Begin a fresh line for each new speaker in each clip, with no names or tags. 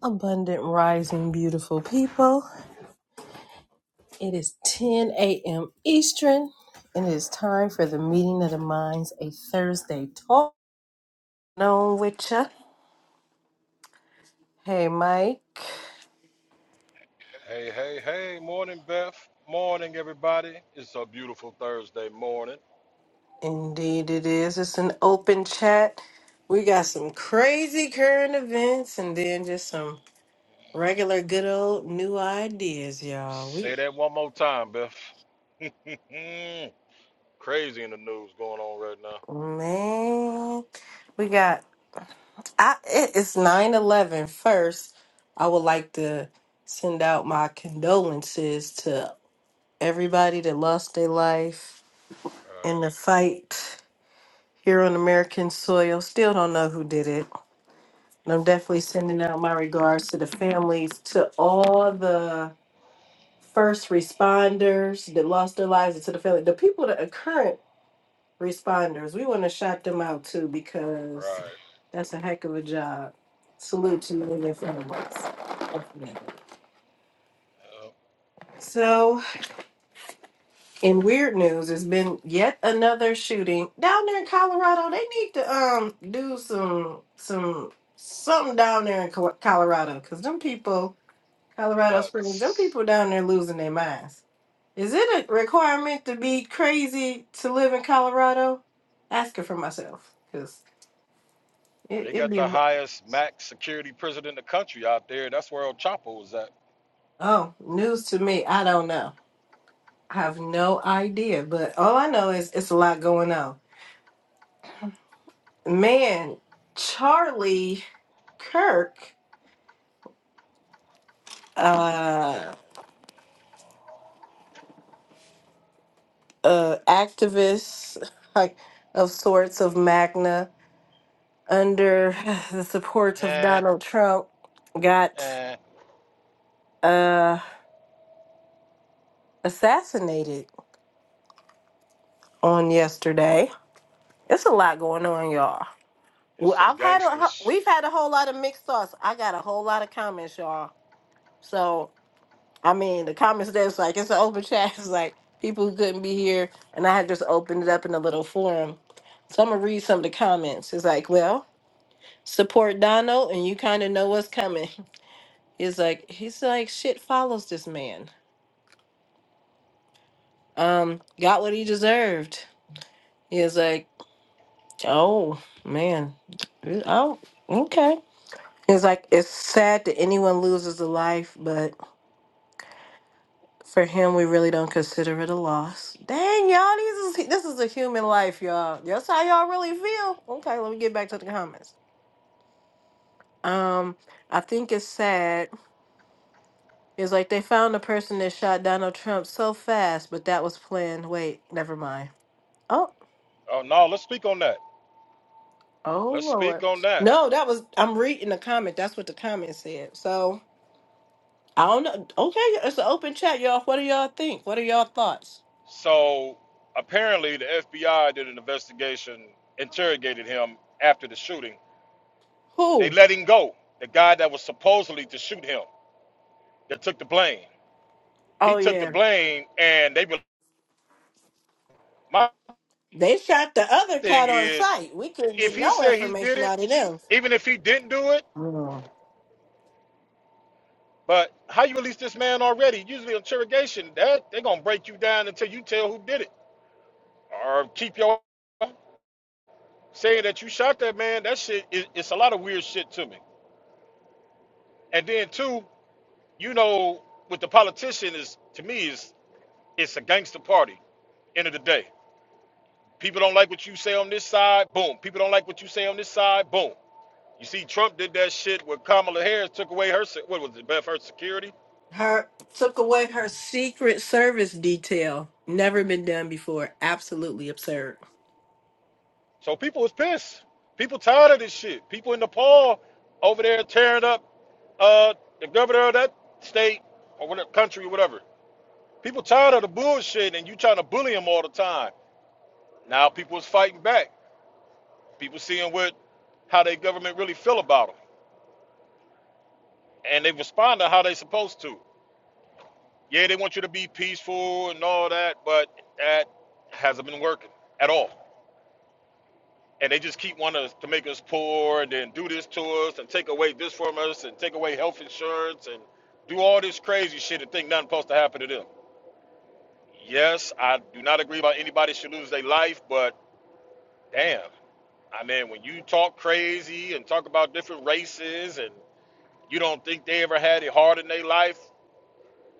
Abundant rising, beautiful people. It is 10 a.m. Eastern, and it is time for the meeting of the minds, a Thursday talk. Known with ya. Hey, Mike.
Hey, hey, hey, morning, Beth. Morning, everybody. It's a beautiful Thursday morning.
Indeed, it is. It's an open chat. We got some crazy current events, and then just some regular, good old new ideas, y'all.
Say
We
that one more time, Beth. Crazy in the news going on right now.
man, we got. I it- it's nine eleven. first. I would like to send out my condolences to everybody that lost their life in the
Right,
fight here on American soil. Still don't know who did it. And I'm definitely sending out my regards to the families, to all the first responders that lost their lives, and to the family, the people that are current responders. We want to shout them out too because
right.
that's a heck of a job. Salute to you in front of us.
Yep.
So, in weird news, it's been yet another shooting down there in Colorado. They need to um do some some something down there in Co- Colorado because them people, Colorado Springs, them
Nuts.
people down there losing their minds. Is it a requirement to be crazy to live in Colorado? Asking for myself because
Well,
it,
they
it'd
got
be
the
a
highest max security prison in the country out there. That's where El Chapo was at.
Oh, news to me. I don't know. I have no idea, but all I know is it's a lot going on. Man, Charlie Kirk, uh, uh activist like of sorts of Magna under the support of
Eh,
Donald Trump got
eh.
uh assassinated on yesterday. It's a lot going on, y'all.
It's
Well,
some
I've had a,
gangsters.
we've had a whole lot of mixed thoughts. I got a whole lot of comments, y'all. So I mean, the comments there was like, it's an open chat. It's like people who couldn't be here. And I had just opened it up in a little forum. So I'm going to read some of the comments. It's like, well, support Donald and you kind of know what's coming. He's like, he's like, shit follows this man. Um, got what he deserved. He's like, oh, man. Oh, okay. It's like, it's sad that anyone loses a life, but For him, we really don't consider it a loss. Dang, y'all, this is this is a human life, y'all. That's how y'all really feel. Okay, let me get back to the comments. Um, I think it's sad. It's like they found the person that shot Donald Trump so fast, but that was planned. Wait, never mind. Oh,
Oh, no, let's speak on that.
oh
Let's
Lord.
speak on that.
No, that was I'm reading the comment. That's what the comment said. So I don't know. Okay, it's an open chat, y'all. What do y'all think? What are y'all thoughts?
So apparently, the FBI did an investigation, interrogated him after the shooting. They
Who?
let him go. The guy that was supposedly to shoot him, that took the blame. He
Oh
took the
yeah.
blame, and they. were- My
They shot the other
thing
cat on
is,
sight. We couldn't
if
get
he
no
said he did
information
it,
out of them.
even if he didn't do it,
Mm.
but how you release this man already? Usually interrogation, that they're gonna break you down until you tell who did it, or keep your saying that you shot that man. That shit, it, it's a lot of weird shit to me. And then two. you know, with the politician is to me is it's a gangster party. End of the day, people don't like what you say on this side. Boom. People don't like what you say on this side. Boom. You see, Trump did that shit where Kamala Harris took away her se- what was it, Beth, her security.
Her took away her secret service detail. Never been done before. Absolutely absurd.
So people was pissed. People tired of this shit. People in Nepal over there tearing up uh, the governor of that state or whatever country or whatever. People tired of the bullshit and you trying to bully them all the time. Now people is fighting back. People seeing what how their government really feel about them, and they respond to how they supposed to. Yeah, they want you to be peaceful and all that, but that hasn't been working at all. And they just keep wanting us to make us poor and then do this to us and take away this from us and take away health insurance and do all this crazy shit and think nothing's supposed to happen to them. Yes, I do not agree about anybody should lose their life, but damn. I mean, when you talk crazy and talk about different races and You don't think they ever had it hard in their life?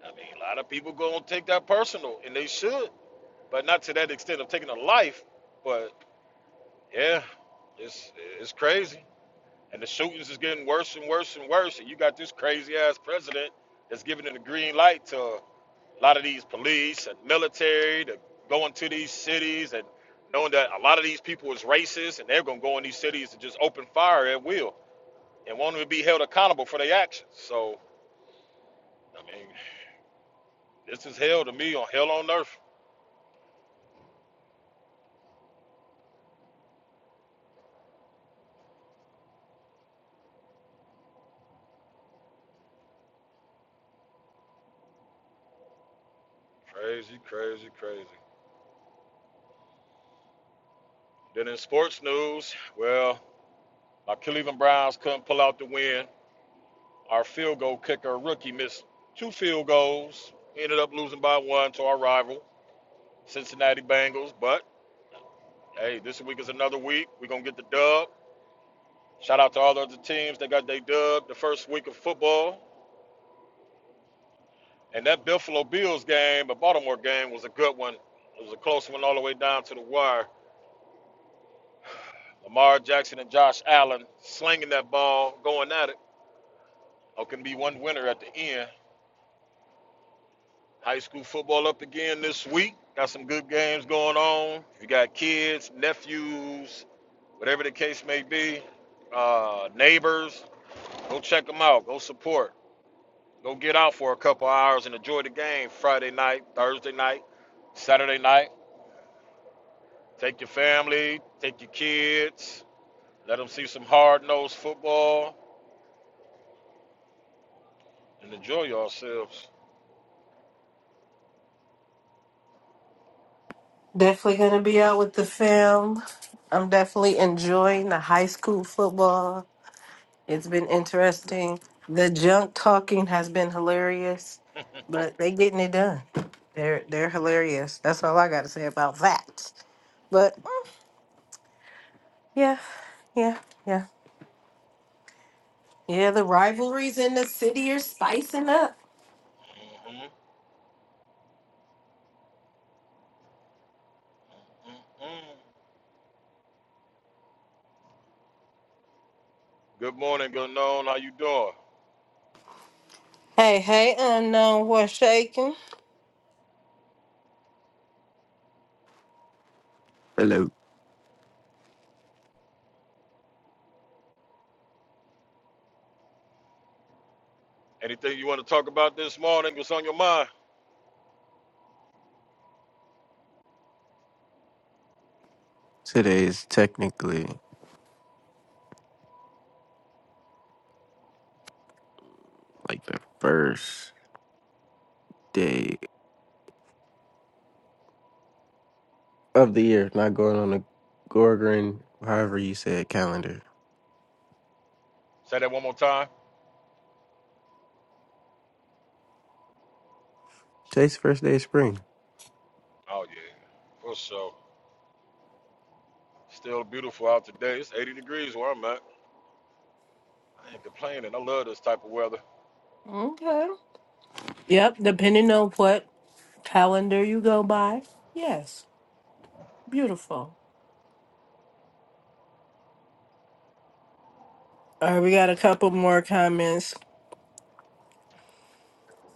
I mean, a lot of people gonna take that personal, and they should, but not to that extent of taking a life. But yeah, it's it's crazy, and the shootings is getting worse and worse and worse. And you got this crazy ass president that's giving it the green light to a lot of these police and military to go into these cities and knowing that a lot of these people is racist and they're gonna go in these cities and just open fire at will and won't even be held accountable for their actions. So I mean. This is hell to me on hell on earth. Crazy, crazy, crazy. Then in sports news, well, our Cleveland Browns couldn't pull out the win. Our field goal kicker rookie missed two field goals. Ended up losing by one to our rival, Cincinnati Bengals. But hey, this week is another week. We're gonna get the dub. Shout out to all the other teams that got their dub the first week of football. And that Buffalo Bills game, the Baltimore game, was a good one. It was a close one all the way down to the wire. Lamar Jackson and Josh Allen slinging that ball, going at it. There can be one winner at the end. High school football up again this week. Got some good games going on. You got kids, nephews, whatever the case may be, uh, neighbors. Go check them out. Go support. Go get out for a couple hours and enjoy the game Friday night, Thursday night, Saturday night. Take your family, take your kids, let them see some hard nosed football and enjoy yourselves.
Definitely gonna be out with the film. I'm definitely enjoying the high school football. It's been interesting. The junk talking has been hilarious, but they getting it done. They're they're hilarious. That's all I gotta say about that. But mm, yeah, yeah, yeah. Yeah, the rivalries in the city are spicing up.
Mhm. Mm-mm. Good morning, good noon. How you doing?
Hey, hey, unknown, what's shaking?
Hello.
Anything you want to talk about this morning? What's on your mind?
Today is technically like the first day of the year, not going on the Gorgon, however you say it, calendar.
Say that one more time.
Today's the first day of spring.
Oh yeah, for sure. Still beautiful out today. It's 80 degrees where I'm at. I ain't complaining. I love this type of weather.
Okay. Yep, depending on what calendar you go by. Yes, beautiful. All right, we got a couple more comments.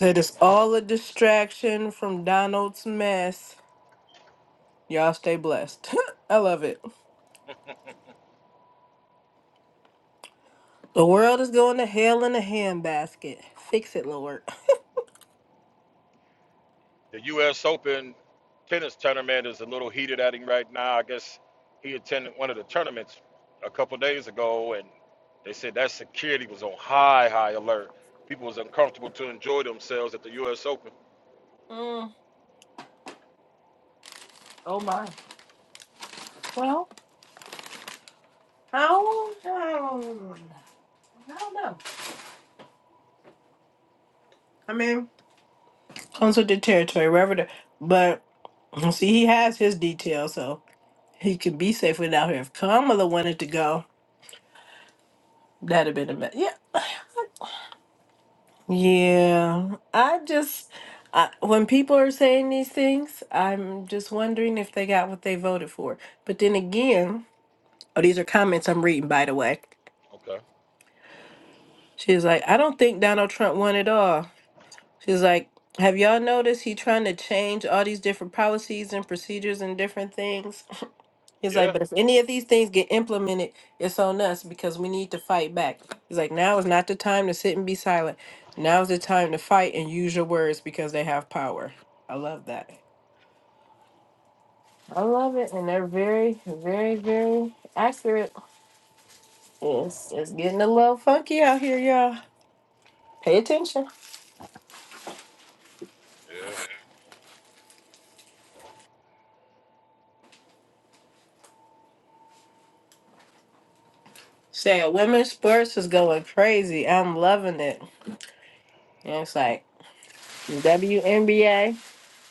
Said it's all a distraction from Donald's mess. Y'all stay blessed. I love it. The world is going to hell in a handbasket. Fix it, Lord.
The U.S. Open tennis tournament is a little heated at him right now. I guess he attended one of the tournaments a couple days ago, and they said that security was on high, high alert. People was uncomfortable to enjoy themselves at the U.S. Open.
Mm, oh my. Well, how? I don't I don't know. I mean. comes with the territory, wherever the but see he has his details, so he can be safe without her. If Kamala wanted to go, that'd have been a mess. Yeah. Yeah. I just I, when people are saying these things, I'm just wondering if they got what they voted for. But then again, oh these are comments I'm reading by the way.
Okay.
She's like, I don't think Donald Trump won at all. She's like, have y'all noticed he trying to change all these different policies and procedures and different things? He's like,
Yeah.
but if any of these things get implemented, it's on us because we need to fight back. He's like, now is not the time to sit and be silent. Now is the time to fight and use your words because they have power. I love that. I love it, and they're very, very, very accurate. It's it's getting a little funky out here, y'all. Pay attention.
Yeah.
Say, women's sports is going crazy. I'm loving it. And it's like WNBA.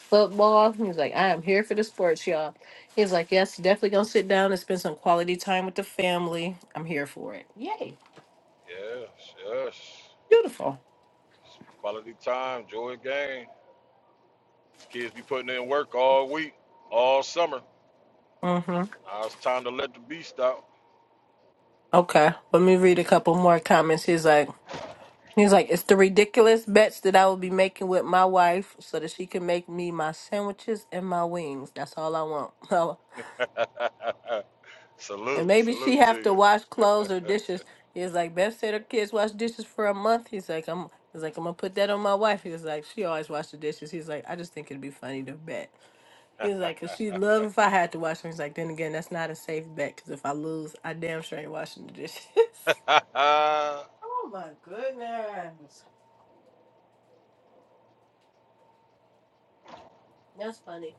football. He was like, I am here for the sports, y'all. He's like, Yes, definitely gonna sit down and spend some quality time with the family. I'm here for it. Yay.
Yes, yes.
Beautiful.
It's quality time, joy and game. These kids be putting in work all week, all summer.
Mm-hmm.
Now it's time to let the beast out.
Okay. Let me read a couple more comments. He's like, He's like, it's the ridiculous bets that I will be making with my wife so that she can make me my sandwiches and my wings. That's all I want. And
salute,
maybe she
salute to
have to wash
you.
clothes or dishes. He's like, Beth said her kids wash dishes for a month. He's like, I'm he's like, I'm gonna put that on my wife. He was like, she always wash the dishes. He's like, I just think it'd be funny to bet. He was like, cause she'd love if I had to wash them. He's like, then again, that's not a safe bet, cause if I lose, I damn sure ain't washing the dishes. oh my goodness. That's funny.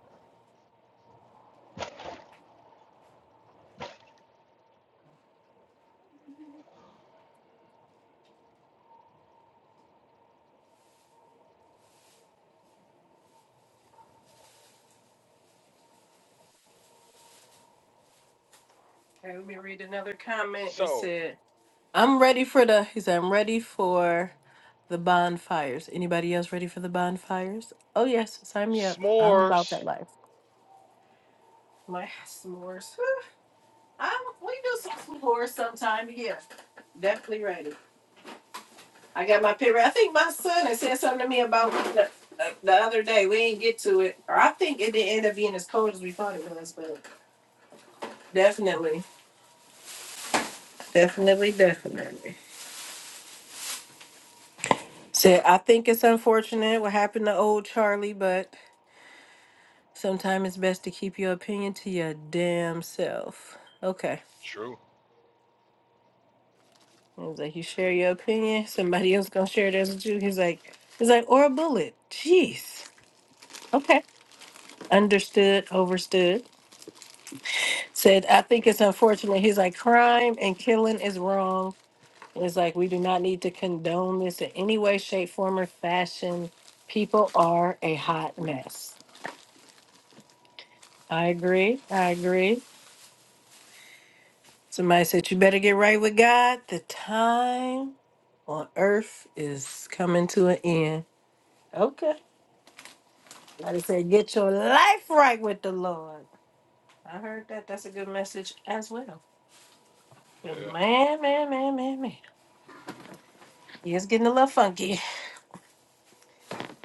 Okay, let me read another comment. It
so,
said I'm ready for the. He said, I'm ready for the bonfires. Anybody else ready for the bonfires? Oh yes, sign me up. I'm about
s'mores.
that life. My s'mores. i we do some s'mores sometime. Yeah, definitely ready. I got my paper. I think my son had said something to me about the, the other day. We didn't get to it, or I think it didn't end up being as cold as we thought it was, but definitely, definitely, definitely. Said I think it's unfortunate what happened to old Charlie, but. Sometimes it's best to keep your opinion to your damn self. Okay.
True,
It was like you share
true.
your opinion, somebody else gonna share theirs with you. He's like, he's like, or a bullet. Jeez. Okay. Understood, overstood. Said, I think it's unfortunate. He's like, crime and killing is wrong. And it's like we do not need to condone this in any way, shape, form, or fashion. People are a hot mess. I agree. I agree. Somebody said you better get right with God. The time on earth is coming to an end. Okay. Somebody said get your life right with the Lord. I heard that. That's a good message as well. But
Yeah.
Man, man, man, man, man. Yeah, it's getting a little funky.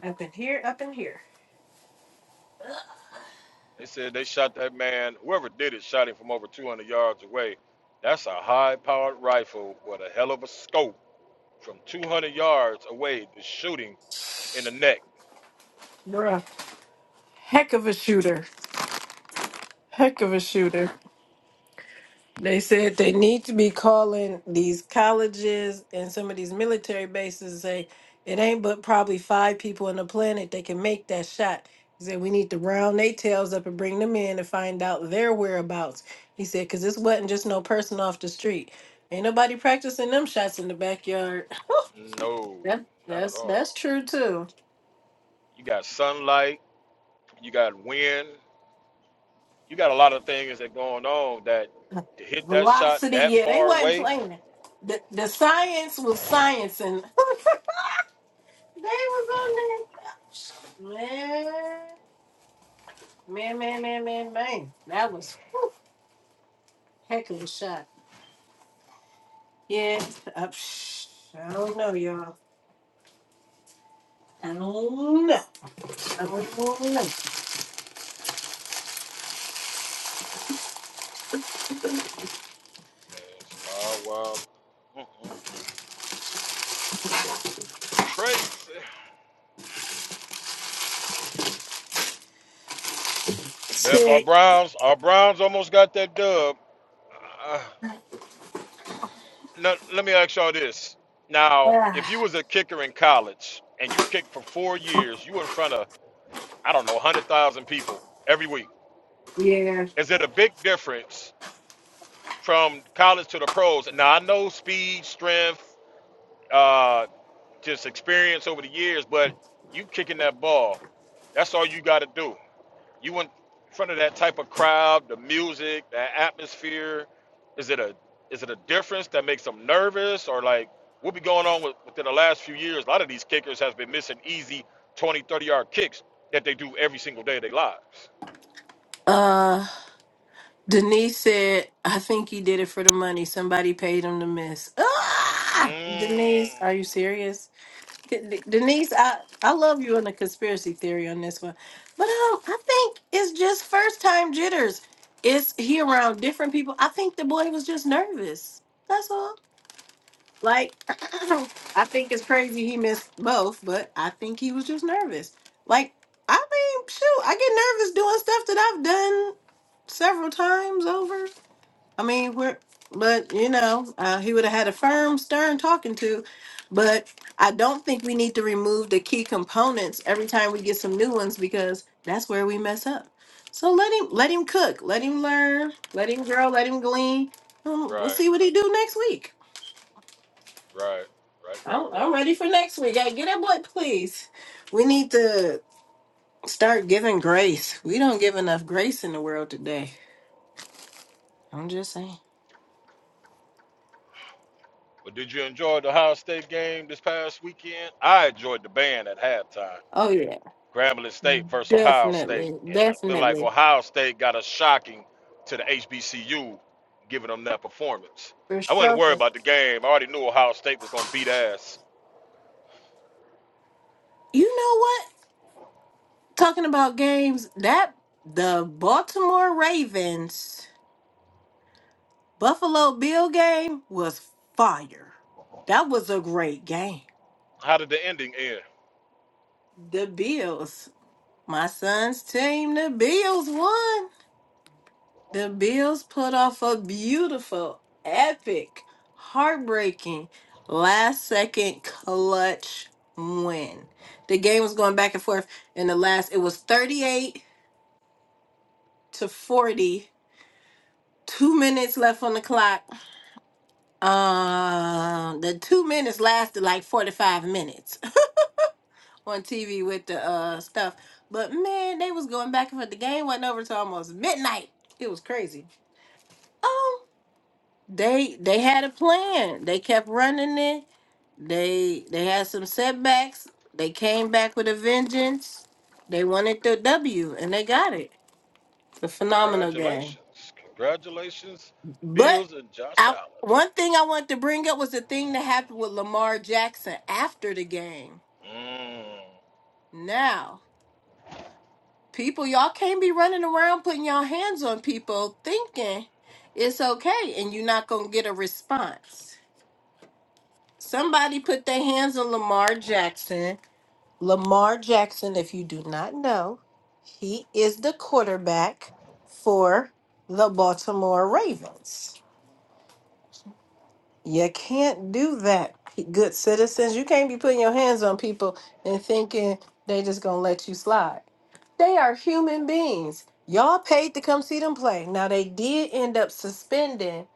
Up in here, up in here.
They said they shot that man. Whoever did it shot him from over 200 yards away. That's a high-powered rifle with a hell of a scope from 200 yards away to shoot him in the neck.
You're a heck of a shooter. Heck of a shooter. They said they need to be calling these colleges and some of these military bases and say it ain't but probably five people on the planet that can make that shot. He said we need to round their tails up and bring them in and find out their whereabouts. He said because this wasn't just no person off the street. Ain't nobody practicing them shots in the backyard.
No,
That
not at
that's that's
all.
true too.
You got sunlight, you got wind, you got a lot of things that going on that to hit that shot
Velocity,
that
yeah, they
far
wasn't
away.
playing. The the science was science They was on that. Man, man, man, man, man, man. That was whew, heck of a shot. Yeah, uh, psh, I don't know, y'all. I don't know. I don't know.
It's wild, wild. Mm-mm-mm. Crazy. Beth, our
Sick.
Browns, our Browns almost got that dub. Uh, let, let me ask y'all this. Now, if you
Ah,
was a kicker in college and you kicked for four years, you in front of, I don't know, 100,000 people every week.
yeah.
Is it a big difference from college to the pros. Now I know speed, strength, uh, just experience over the years, but you kicking that ball. That's all you got to do. You in front of that type of crowd, the music, that atmosphere. Is it a is it a difference that makes them nervous or like what be going on with, within the last few years? A lot of these kickers has been missing easy 20, 30 yard kicks that they do every single day of their lives.
Uh, Denise said, I think he did it for the money. Somebody paid him to miss. Ah!
Mm.
Denise, are you serious? De- Denise, I, I love you on the conspiracy theory on this one, but um, I think it's just first time jitters. It's he around different people. I think the boy was just nervous. That's all. Like, I think it's crazy he missed both, but I think he was just nervous. Like, I mean, shoot, I get nervous doing stuff that I've done several times over. I mean, we're, but you know, uh, he would have had a firm, stern talking to. But I don't think we need to remove the key components every time we get some new ones because that's where we mess up. So let him, let him cook, let him learn, let him grow, let him glean. Um, we'll
Right,
see what he do next week.
right, right, right,
I'm, I'm
right.
ready for next week. Hey, get that boy, please. We need to start giving grace. We don't give enough grace in the world today. I'm just saying.
But did you enjoy the Ohio State game this past weekend? I enjoyed the band at halftime.
Oh yeah,
Grambling State versus Ohio State,
definitely,
and it looked like
definitely.
Ohio State got a shocking to the HBCU, giving them that performance.
For
I wasn't worried
shelter.
about the game. I already knew Ohio State was going to beat ass.
You know what? Talking about games, that the Baltimore Ravens Buffalo Bill game was fire. That was a great game.
How did the ending end?
The Bills, my son's team, the Bills won. The Bills put off a beautiful, epic, heartbreaking, last second clutch win. The game was going back and forth in the last, it was 38 to 40 two minutes left on the clock. Um, the two minutes lasted like forty-five minutes on TV with the uh stuff. But man, they was going back and forth. The game went over to almost midnight. It was crazy. Um, they they had a plan. They kept running it. They they had some setbacks. They came back with a vengeance. They wanted the W and they got it. The phenomenal game.
Congratulations, congratulations,
But
Bills and Josh
I
Allen.
one thing I wanted to bring up was the thing that happened with Lamar Jackson after the game.
Mm,
Now, people, y'all can't be running around putting y'all hands on people thinking it's okay and you're not gonna get a response. Somebody put their hands on Lamar Jackson. Lamar Jackson, if you do not know, he is the quarterback for the Baltimore Ravens. You can't do that, p- good citizens. You can't be putting your hands on people and thinking they just gonna let you slide. They are human beings. Y'all paid to come see them play. Now they did end up suspending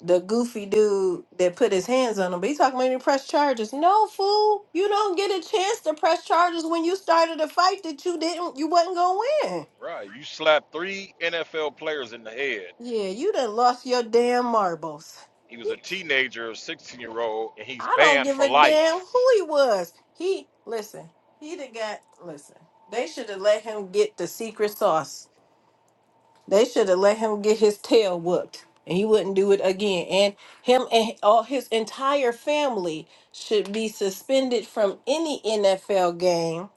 the goofy dude that put his hands on them. But he talking about he press charges. No fool, you don't get a chance to press charges when you started a fight that you didn't you wasn't gonna win.
right, you slapped three NFL players in the head
Yeah, you done lost your damn marbles.
He was a teenager, 16 year old, and he's
I don't
banned
give
for
a damn
life.
who he was. He listen. He done got listen. They should have let him get the secret sauce. They should have let him get his tail whooped, and he wouldn't do it again. And him and all his entire family should be suspended from any NFL game,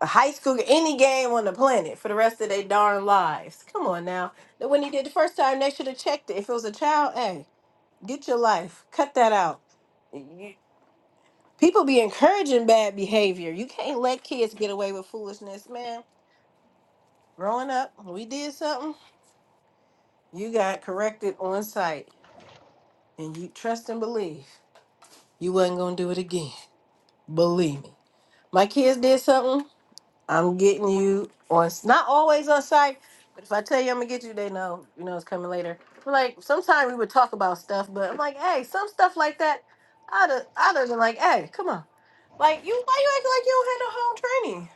a high school, any game on the planet for the rest of their darn lives. Come on now. That When he did the first time, they should have checked it. If it was a child, hey, get your life. Cut that out People be encouraging bad behavior. You can't let kids get away with foolishness, man. Growing up, when we did something, you got corrected on sight. And you trust and believe you wasn't gonna do it again. Believe me. My kids did something, I'm getting you on not always on sight, but if I tell you I'm gonna get you, they know, you know it's coming later. But like sometimes we would talk about stuff, but I'm like, hey, some stuff like that, I'd have I'd have been like, hey, come on. Like you why you acting like you don't have no home training?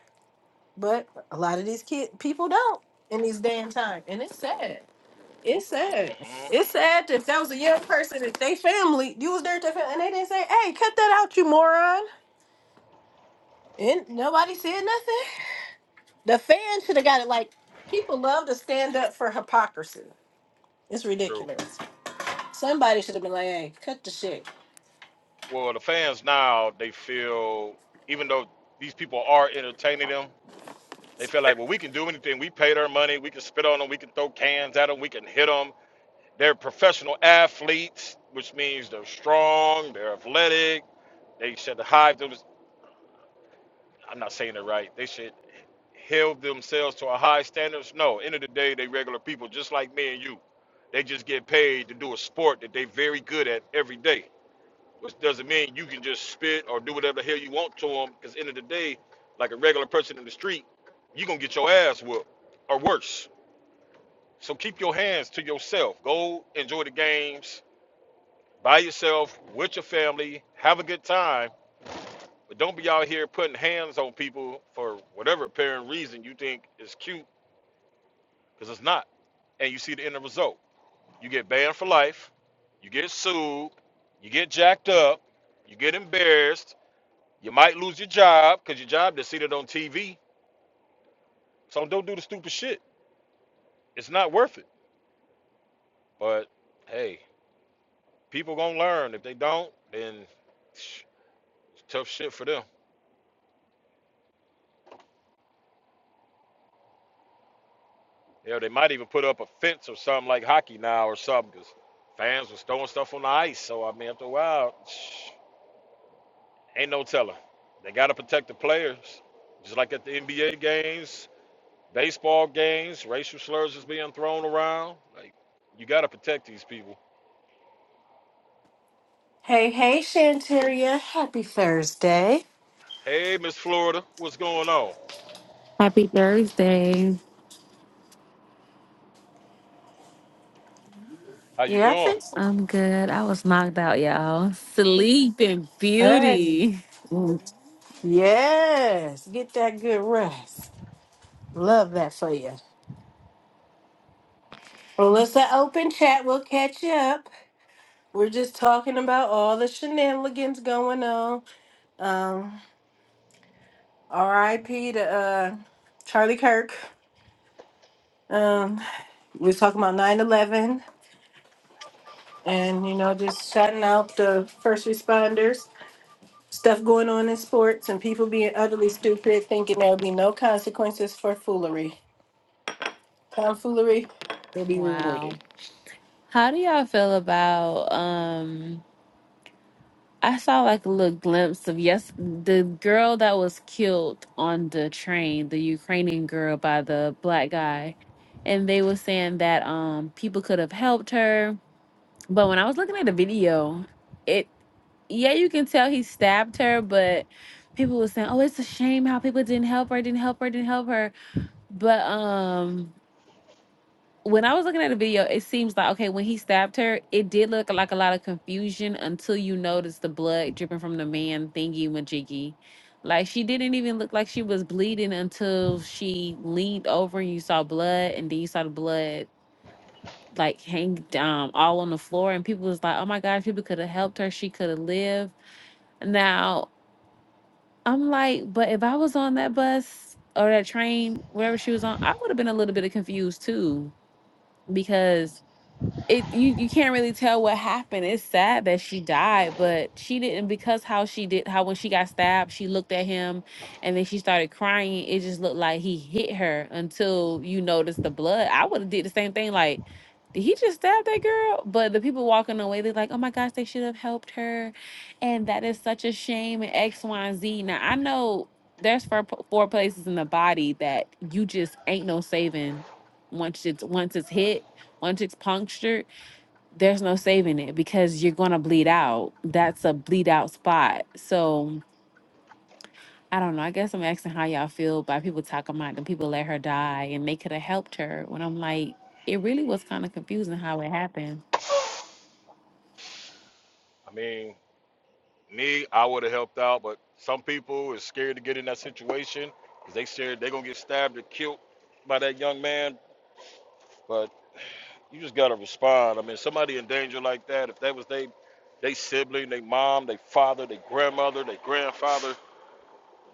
But a lot of these kid people don't in these damn time, and it's sad. It's sad.
mm hmm
It's sad that if that was a young person, if they family, you was there to family, and they didn't say, "Hey, cut that out, you moron," and nobody said nothing. The fans should have got it. Like people love to stand up for hypocrisy. It's
True.
ridiculous. Somebody should have been like, "Hey, cut the shit."
Well, the fans now, they feel, even though these people are entertaining them, they feel like, well, we can do anything. We paid our money. We can spit on them. We can throw cans at them. We can hit them. They're professional athletes, which means they're strong, they're athletic. They should hide them. I'm not saying it right. They should held themselves to a high standards. No, end of the day, they regular people just like me and you. They just get paid to do a sport that they very good at every day, which doesn't mean you can just spit or do whatever the hell you want to them. Because end of the day, like a regular person in the street, you gonna get your ass whooped or worse. So keep your hands to yourself. Go enjoy the games by yourself with your family. Have a good time, but don't be out here putting hands on people for whatever apparent reason you think is cute, because it's not. And you see the end result. You get banned for life. You get sued. You get jacked up. You get embarrassed. You might lose your job because your job is seated on TV. So don't do the stupid shit. It's not worth it. But hey, people gonna learn. If they don't, then psh, it's tough shit for them. Yeah, they might even put up a fence or something like hockey now or something because fans was throwing stuff on the ice. So I mean, after a while, psh, ain't no telling. They gotta protect the players, just like at the NBA games Baseball games, racial slurs is being thrown around. Like, you got to protect these people.
Hey, hey, Shanteria, happy Thursday.
Hey, Miss Florida, what's going on?
Happy Thursday.
How you
Yes,
doing?
it's
I'm good. I was knocked out, y'all. Sleeping
Yes.
beauty.
Yes, get that good rest. Love that for you. Well, it's an open chat. We'll catch you up. We're just talking about all the shenanigans going on. Um, R.I.P. to uh, Charlie Kirk. Um, we was talking about 9-11 and, you know, just shouting out the first responders. Stuff going on in sports and people being utterly stupid, thinking there'll be no consequences for foolery. Tomfoolery will be rewarded.
Wow. How do y'all feel about um I saw like a little glimpse of yes the girl that was killed on the train, the Ukrainian girl by the black guy. And they were saying that um people could have helped her But when I was looking at the video, it yeah, you can tell he stabbed her, but people were saying, "Oh, it's a shame how people didn't help her, didn't help her, didn't help her." But um when I was looking at the video, it seems like okay, when he stabbed her, it did look like a lot of confusion until you noticed the blood dripping from the man thingy majiggy. Like she didn't even look like she was bleeding until she leaned over and you saw blood and then you saw the blood like hang um all on the floor and people was like oh my gosh people could have helped her she could have lived now i'm like but if i was on that bus or that train wherever she was on i would have been a little bit of confused too because it you you can't really tell what happened. It's sad that she died, but she didn't because how she did how when she got stabbed, she looked at him and then she started crying. It just looked like he hit her until you noticed the blood. I would have did the same thing like did he just stab that girl? But the people walking away, they're like, oh my gosh, they should have helped her. And that is such a shame and X, Y, and Z. Now, I know there's four, four places in the body that you just ain't no saving once it's once it's hit, once it's punctured there's no saving it because you're gonna bleed out. That's a bleed out spot. So I don't know. I guess I'm asking how y'all feel by people talking about the people let her die and they could have helped her. When I'm like, it really was kind of confusing how it happened
I mean, me, I would have helped out, but some people is scared to get in that situation because they scared they're gonna get stabbed or killed by that young man. But you just gotta respond. I mean, somebody in danger like that, if that was they, they sibling, they mom, they father, they grandmother, they grandfather,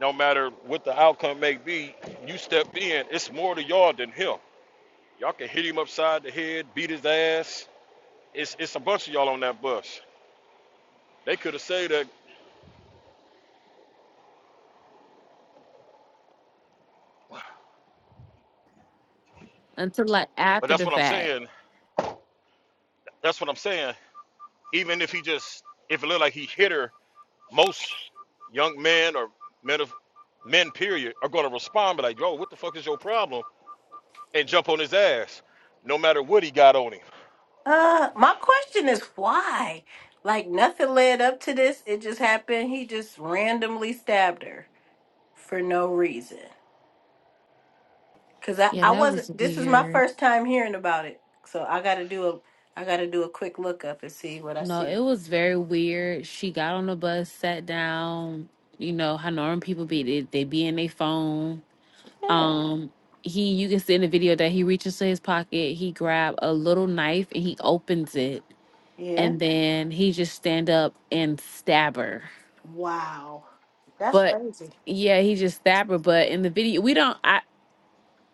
no matter what the outcome may be, you step in. It's more to y'all than him. Y'all can hit him upside the head, beat his ass. It's it's a bunch of y'all on that bus. They could have said that,
until like
but
after
that's
the
what I'm
fact.
saying. That's what I'm saying. Even if he just if it looked like he hit her, most young men or men of men period are gonna respond be like, yo, what the fuck is your problem? And jump on his ass, no matter what he got on him.
Uh, my question is why? Like nothing led up to this. It just happened. He just randomly stabbed her for no reason. Cause I,
Yeah,
I
that was
wasn't. This is my
weird.
first time hearing about it, so I gotta do a I gotta do a quick look up and see what I
No, it
see.
was very weird. She got on the bus, sat down. You know how normal people be they, they be in their phone
Yeah,
Um, he you can see in the video that he reaches to his pocket, he grab a little knife and he opens it,
yeah.
and then he just stand up and stab her.
Wow, that's
But
crazy.
yeah, he just stab her. But in the video, we don't. I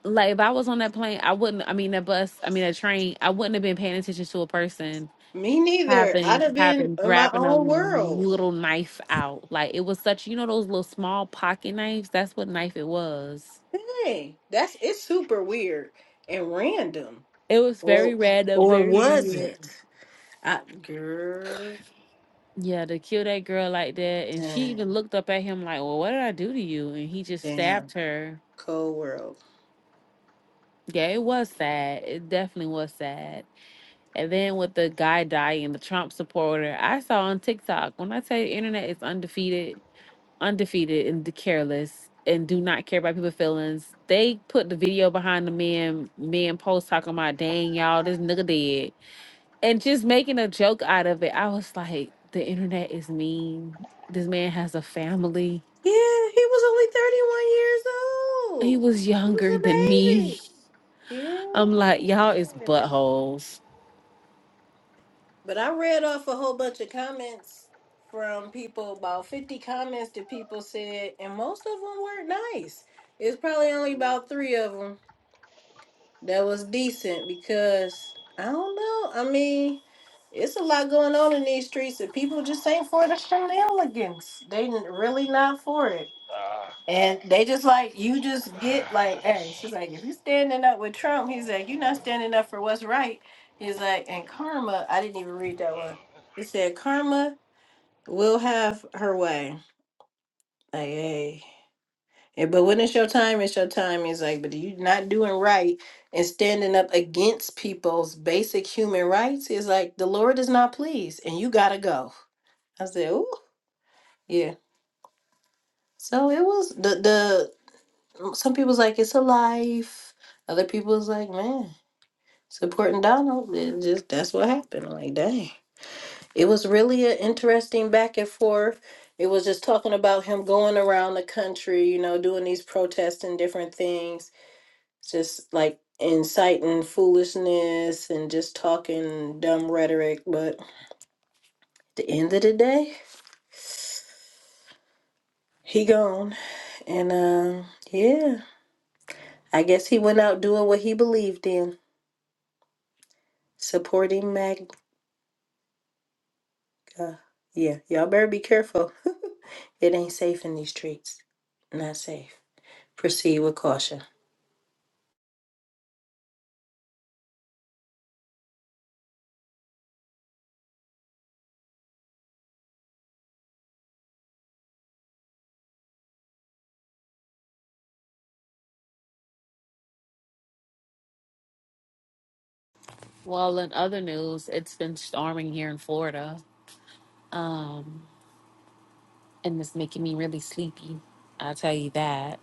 like if I was on that plane, I wouldn't. I mean that bus, I mean that train, I wouldn't have been paying attention to a person
Me neither. I'd
having
have been
having
in my
grabbing a
own world.
little knife out. Like it was such you know those little small pocket knives. That's what knife it was.
Dang, that's it's super weird and random.
It was very
Or
random,
or
very
was
weird.
it? I, girl,
Yeah, to kill that girl like that. And she
damn,
even looked up at him like, Well, what did I do to you? And he just
damn,
stabbed her.
cold world.
Yeah, it was sad. It definitely was sad. And then with the guy dying, the Trump supporter, I saw on TikTok, when I tell you internet is undefeated, undefeated and careless and do not care about people's feelings, they put the video behind the man, man post talking about, dang, y'all, this nigga dead. And just making a joke out of it. I was like, the internet is mean. This man has a family
Yeah, he was only 31 years
He
old.
was
He was
younger than
a
me.
baby.
I'm like, y'all is
Yeah.
buttholes.
But I read off a whole bunch of comments from people, about 50 comments that people said, and most of them weren't nice. It's probably only about three of them that was decent because I don't know. I mean, it's a lot going on in these streets, and people just ain't for the shenanigans. They n- really not for it,
Ah,
and they just like you. Just get like,
uh, this
hey, she's
shit.
like, if you standing up with Trump, he's like, you're not standing up for what's right. He's like, and karma. I didn't even read that one. It said karma will have her way. Like, hey. Eh, But when it's your time, it's your time. It's like, but you not doing right and standing up against people's basic human rights is like the Lord is not pleased, and you gotta go. I said, oh yeah. So it was the the some people's like it's a life. Other people's like, man, supporting Donald. It just that's what happened. I'm like, dang, it was really an interesting back and forth. It was just talking about him going around the country, you know, doing these protests and different things just like inciting foolishness and just talking dumb rhetoric. But at the end of the day, he gone. And um, yeah, I guess he went out doing what he believed in, supporting MAGA. Yeah, y'all better be careful. it ain't safe in these streets. Not safe. Proceed with caution.
Well, in other news, it's been storming here in Florida. Um, and it's making me really sleepy. I'll tell you that.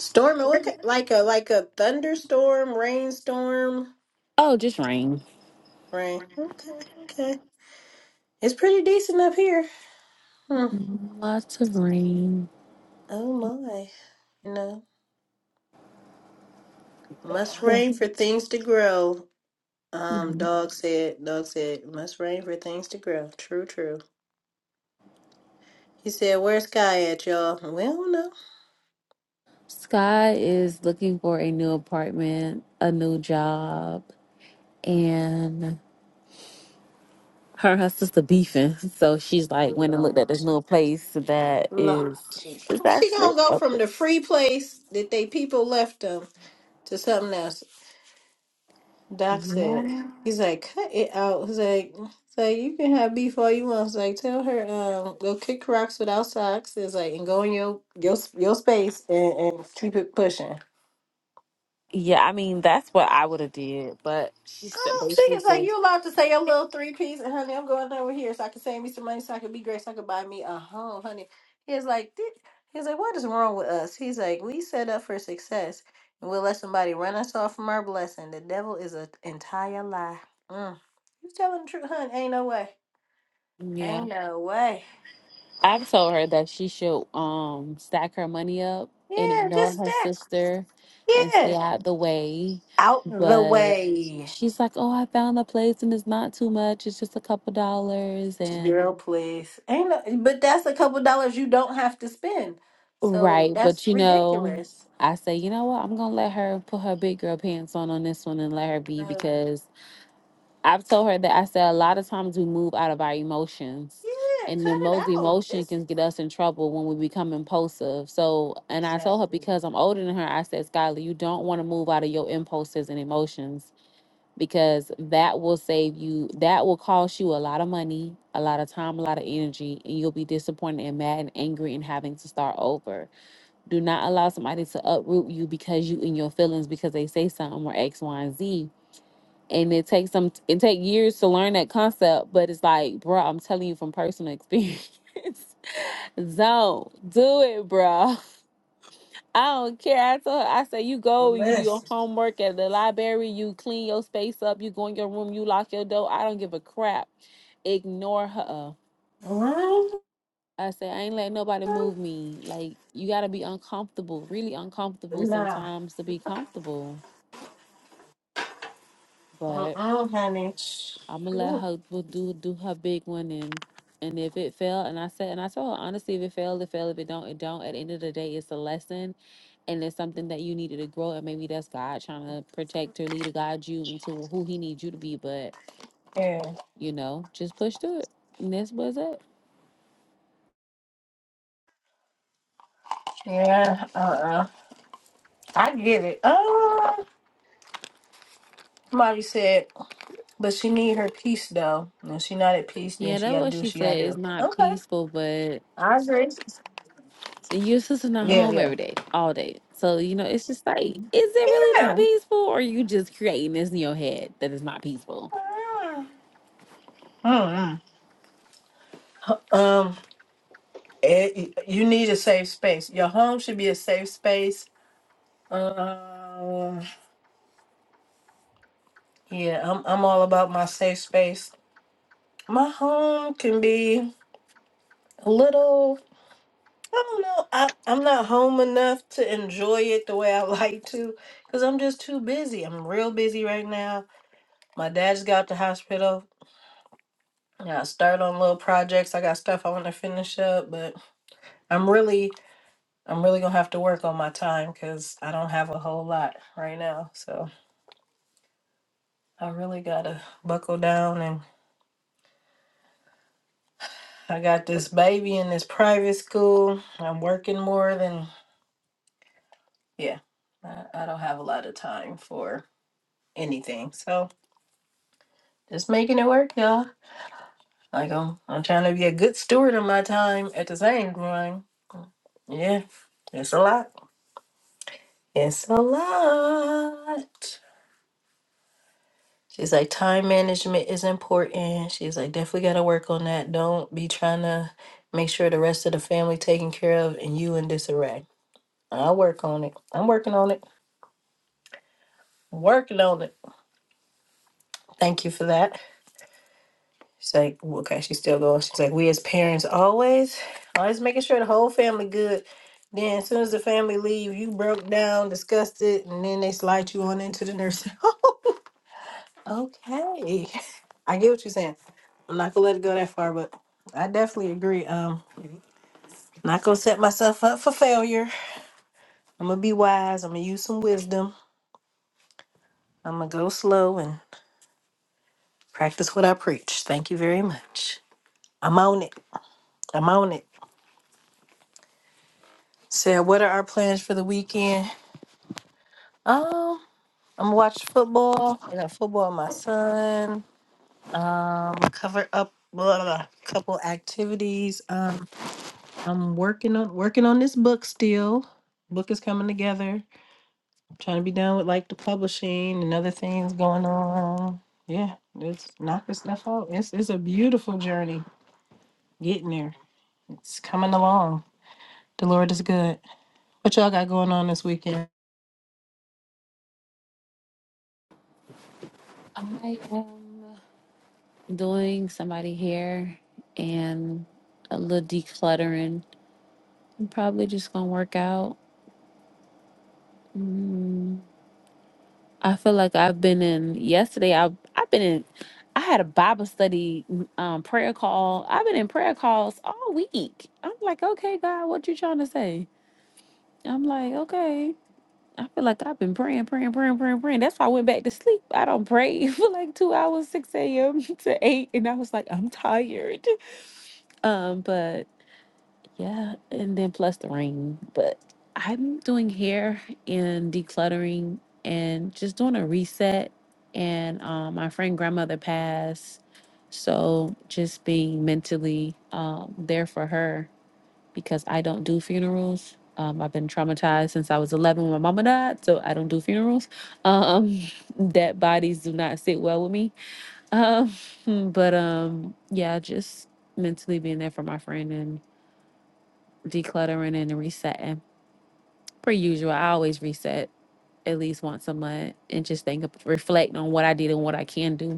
Storm, what look like a like a thunderstorm, rainstorm,
Oh, just rain.
rain. Okay, okay. It's pretty decent up here. Hmm.
Lots of rain.
Oh my. You know, must rain for things to grow. Um, dog said, dog said, must rain for things to grow. True, true. He said, where's Sky at, y'all? We don't know.
Sky is looking for a new apartment, a new job, and her and her sister beefing. So she's like went and looked at
Lord.
this new place that
Lord
is
Jesus.
it's
Well, she
actually
gonna go
up.
from the free place that they people left them to something else. Doc said, it.
Yeah.
he's like, cut it out. He's like, he's like you can have beef all you want. He's like, tell her, um, go kick rocks without socks. It's like, and go in your your your space and, and keep it pushing.
Yeah, I mean that's what I would have did, but she
I
said
don't think it's like
basically,
you allowed to say your little three piece, and honey, I'm going over here so I can save me some money, so I can be great, so I can buy me a home, honey. He's like, "Th- he like, what is wrong with us? He's like, we set up for success, and we'll let somebody run us off from our blessing. The devil is an entire lie. Mm. You telling the truth, honey? Ain't no way.
yeah,
Ain't no way.
I've told her that she should um stack her money up and
Yeah,
ignore
just
her
that.
sister and stay
Yeah,
out the way.
out the
But
way.
she's like, "Oh, I found the place and it's not too much. It's just a couple dollars." And
Girl, please. Ain't no, but that's a couple dollars you don't have to spend. So
right,
that's
but you know,
ridiculous.
I say, you know what? I'm gonna let her put her big girl pants on on this one and let her be
Uh,
because I've told her that I said a lot of times we move out of our emotions,
yeah,
and the
cut it
most
out.
emotion
It's
can get us in trouble when we become impulsive. So, and I told her
exactly.
because I'm older than her, I said, Skylar, you don't want to move out of your impulses and emotions because that will save you, that will cost you a lot of money, a lot of time, a lot of energy, and you'll be disappointed and mad and angry and having to start over. Do not allow somebody to uproot you because you in your feelings because they say something or X, Y, and Z and it takes some it take years to learn that concept but it's like bro i'm telling you from personal experience don't do it bro i don't care i told her i said you go you do your
Listen.
homework at the library you clean your space up you go in your room you lock your door i don't give a crap ignore her
What?
i said i ain't letting nobody move me like you gotta be uncomfortable really uncomfortable
Nah.
sometimes to be comfortable but
Uh-uh, honey.
I'm gonna let
Ooh.
her will do do her big one and and if it fail and I said and I told her honestly if it failed it failed if it don't it don't at the end of the day it's a lesson and it's something that you needed to grow and maybe that's God trying to protect or lead or guide you into who He needs you to be but
Yeah.
you know just push through it and this was it
Yeah. Uh-uh. I get it. Uh Marty said, but she need her peace though. And if she not at peace, then
yeah
she
that
gotta
what
do what
she
she gotta
said is
do.
not
Okay.
peaceful but
I agree.
your sister not
Yeah,
home
yeah.
every day all day so you know it's just like is it really not
Yeah.
peaceful or you just creating this in your head that it's not peaceful.
Uh-huh. Oh, yeah. Um, it, you need a safe space. Your home should be a safe space. Um, yeah, I'm I'm all about my safe space. My home can be a little. I don't know. I, I'm not home enough to enjoy it the way I like to because I'm just too busy. I'm real busy right now. My dad just got out the hospital. I got start on little projects. I got stuff I want to finish up, but I'm really I'm really gonna have to work on my time because I don't have a whole lot right now. So I really gotta buckle down and I got this baby in this private school. I'm working more than yeah. I, I don't have a lot of time for anything. So just making it work, y'all. Like I'm I'm trying to be a good steward of my time at the same time. Yeah. It's a lot. It's a lot. She's like, time management is important. She's like, definitely got to work on that. Don't be trying to make sure the rest of the family taken care of and you in disarray. I'll work on it. I'm working on it. Working on it. Thank you for that. She's like, w- okay, she's still going. She's like, we as parents always, always making sure the whole family good. Then as soon as the family leave, you broke down, disgusted, and then they slide you on into the nursing home. Okay. I get what you're saying. I'm not gonna let it go that far, but I definitely agree. Um not gonna set myself up for failure. I'm gonna be wise, I'm gonna use some wisdom, I'm gonna go slow and practice what I preach. Thank you very much. I'm on it. I'm on it. So, what are our plans for the weekend? Um, I'm gonna watch football. I got football with my son. Um cover up blah, blah, blah, couple activities. Um, I'm working on working on this book still. Book is coming together. trying to be done with like the publishing and other things going on. Yeah, it's knocking stuff out. It's it's a beautiful journey getting there. It's coming along. The Lord is good. What y'all got going on this weekend?
I am. doing somebody hair and a little decluttering. I'm probably just gonna work out. Mm, I feel like I've been in yesterday. I I've been in. I had a Bible study mm, um, prayer call. I've been in prayer calls all week. I'm like, okay, God, what you trying to say? I'm like, okay. I feel like I've been praying, praying, praying, praying, praying. That's why I went back to sleep. I don't pray for like two hours, six a.m. to eight, and I was like, I'm tired. Um, but Yeah, and then plus the ring. But I'm doing hair and decluttering and just doing a reset. And um, my friend grandmother passed, so just being mentally um, there for her because I don't do funerals. Um, I've been traumatized since I was 11 when my mama died, so I don't do funerals. Um, dead bodies do not sit well with me. Um, but um, yeah, just mentally being there for my friend and decluttering and resetting. Per usual, I always reset at least once a month and just think, reflect on what I did and what I can do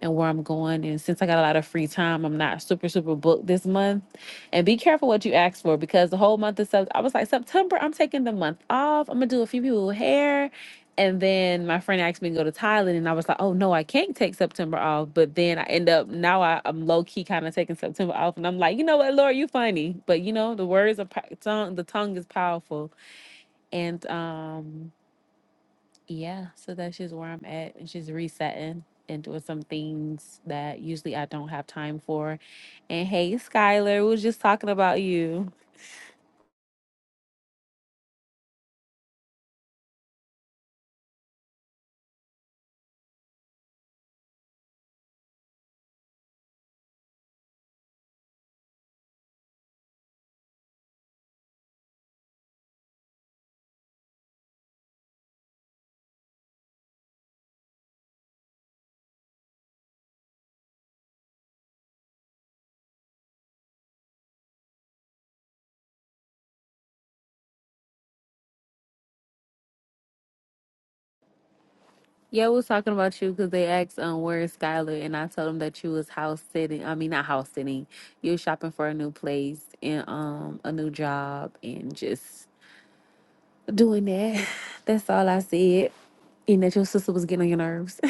and where I'm going. And since I got a lot of free time, I'm not super, super booked this month. And be careful what you ask for because the whole month of September, I was like, September, I'm taking the month off. I'm going to do a few people hair. And then my friend asked me to go to Thailand. And I was like, oh, no, I can't take September off. But then I end up, now I, I'm low key kind of taking September off. And I'm like, you know what, Lord, you funny. But you know, the words of tongue, the tongue is powerful. And, um, yeah, so that's just where I'm at and just resetting and doing some things that usually I don't have time for. And hey, Skylar, we was just talking about you. Yeah, we was talking about you because they asked um where is Skylar and I told them that you was house sitting. I mean not house sitting. You was shopping for a new place and um a new job and just doing that. That's all I said. And that your sister was getting on your nerves.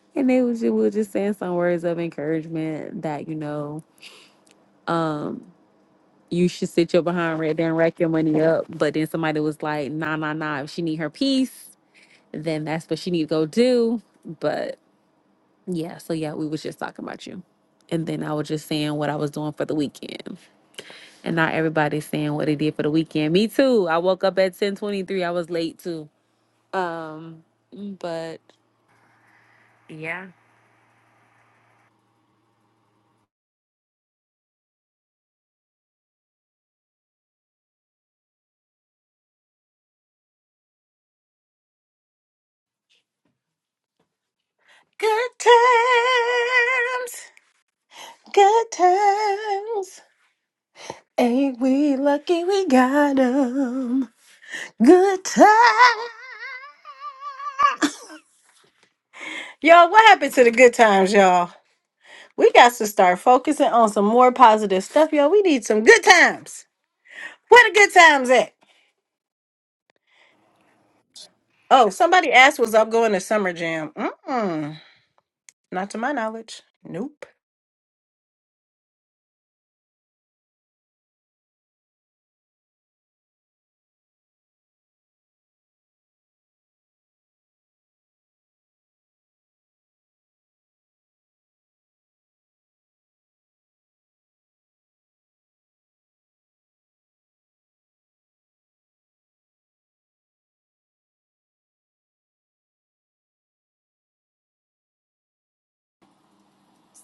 and they was we were just saying some words of encouragement that, you know, um you should sit your behind right there and rack your money up. But then somebody was like, nah, nah, nah. If she need her piece, then that's what she need to go do. But yeah, so yeah, we was just talking about you. And then I was just saying what I was doing for the weekend. And not everybody's saying what they did for the weekend. Me too. I woke up at 1023. I was late too. Um, but yeah.
Good times, good times. Ain't we lucky we got 'em? Good times. y'all, what happened to the good times, y'all? We got to start focusing on some more positive stuff, y'all. We need some good times. Where the good times at? Oh, somebody asked, was up going to Summer Jam? Mm-mm. Not to my knowledge. Nope.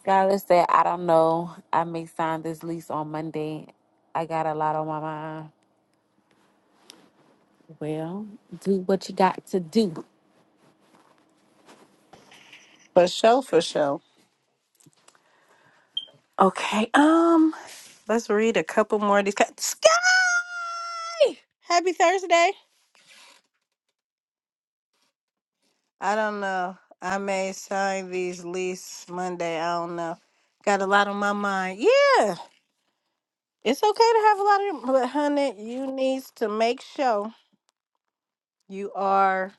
Skylar said, I don't know. I may sign this lease on Monday. I got a lot on my mind. Well, do what you got to do.
For sure, for sure. Okay, um, let's read a couple more of these. ca- Sky, happy Thursday. I don't know. I may sign these lease Monday. I don't know. Got a lot on my mind. Yeah, it's okay to have a lot of, but honey, you needs to make sure you are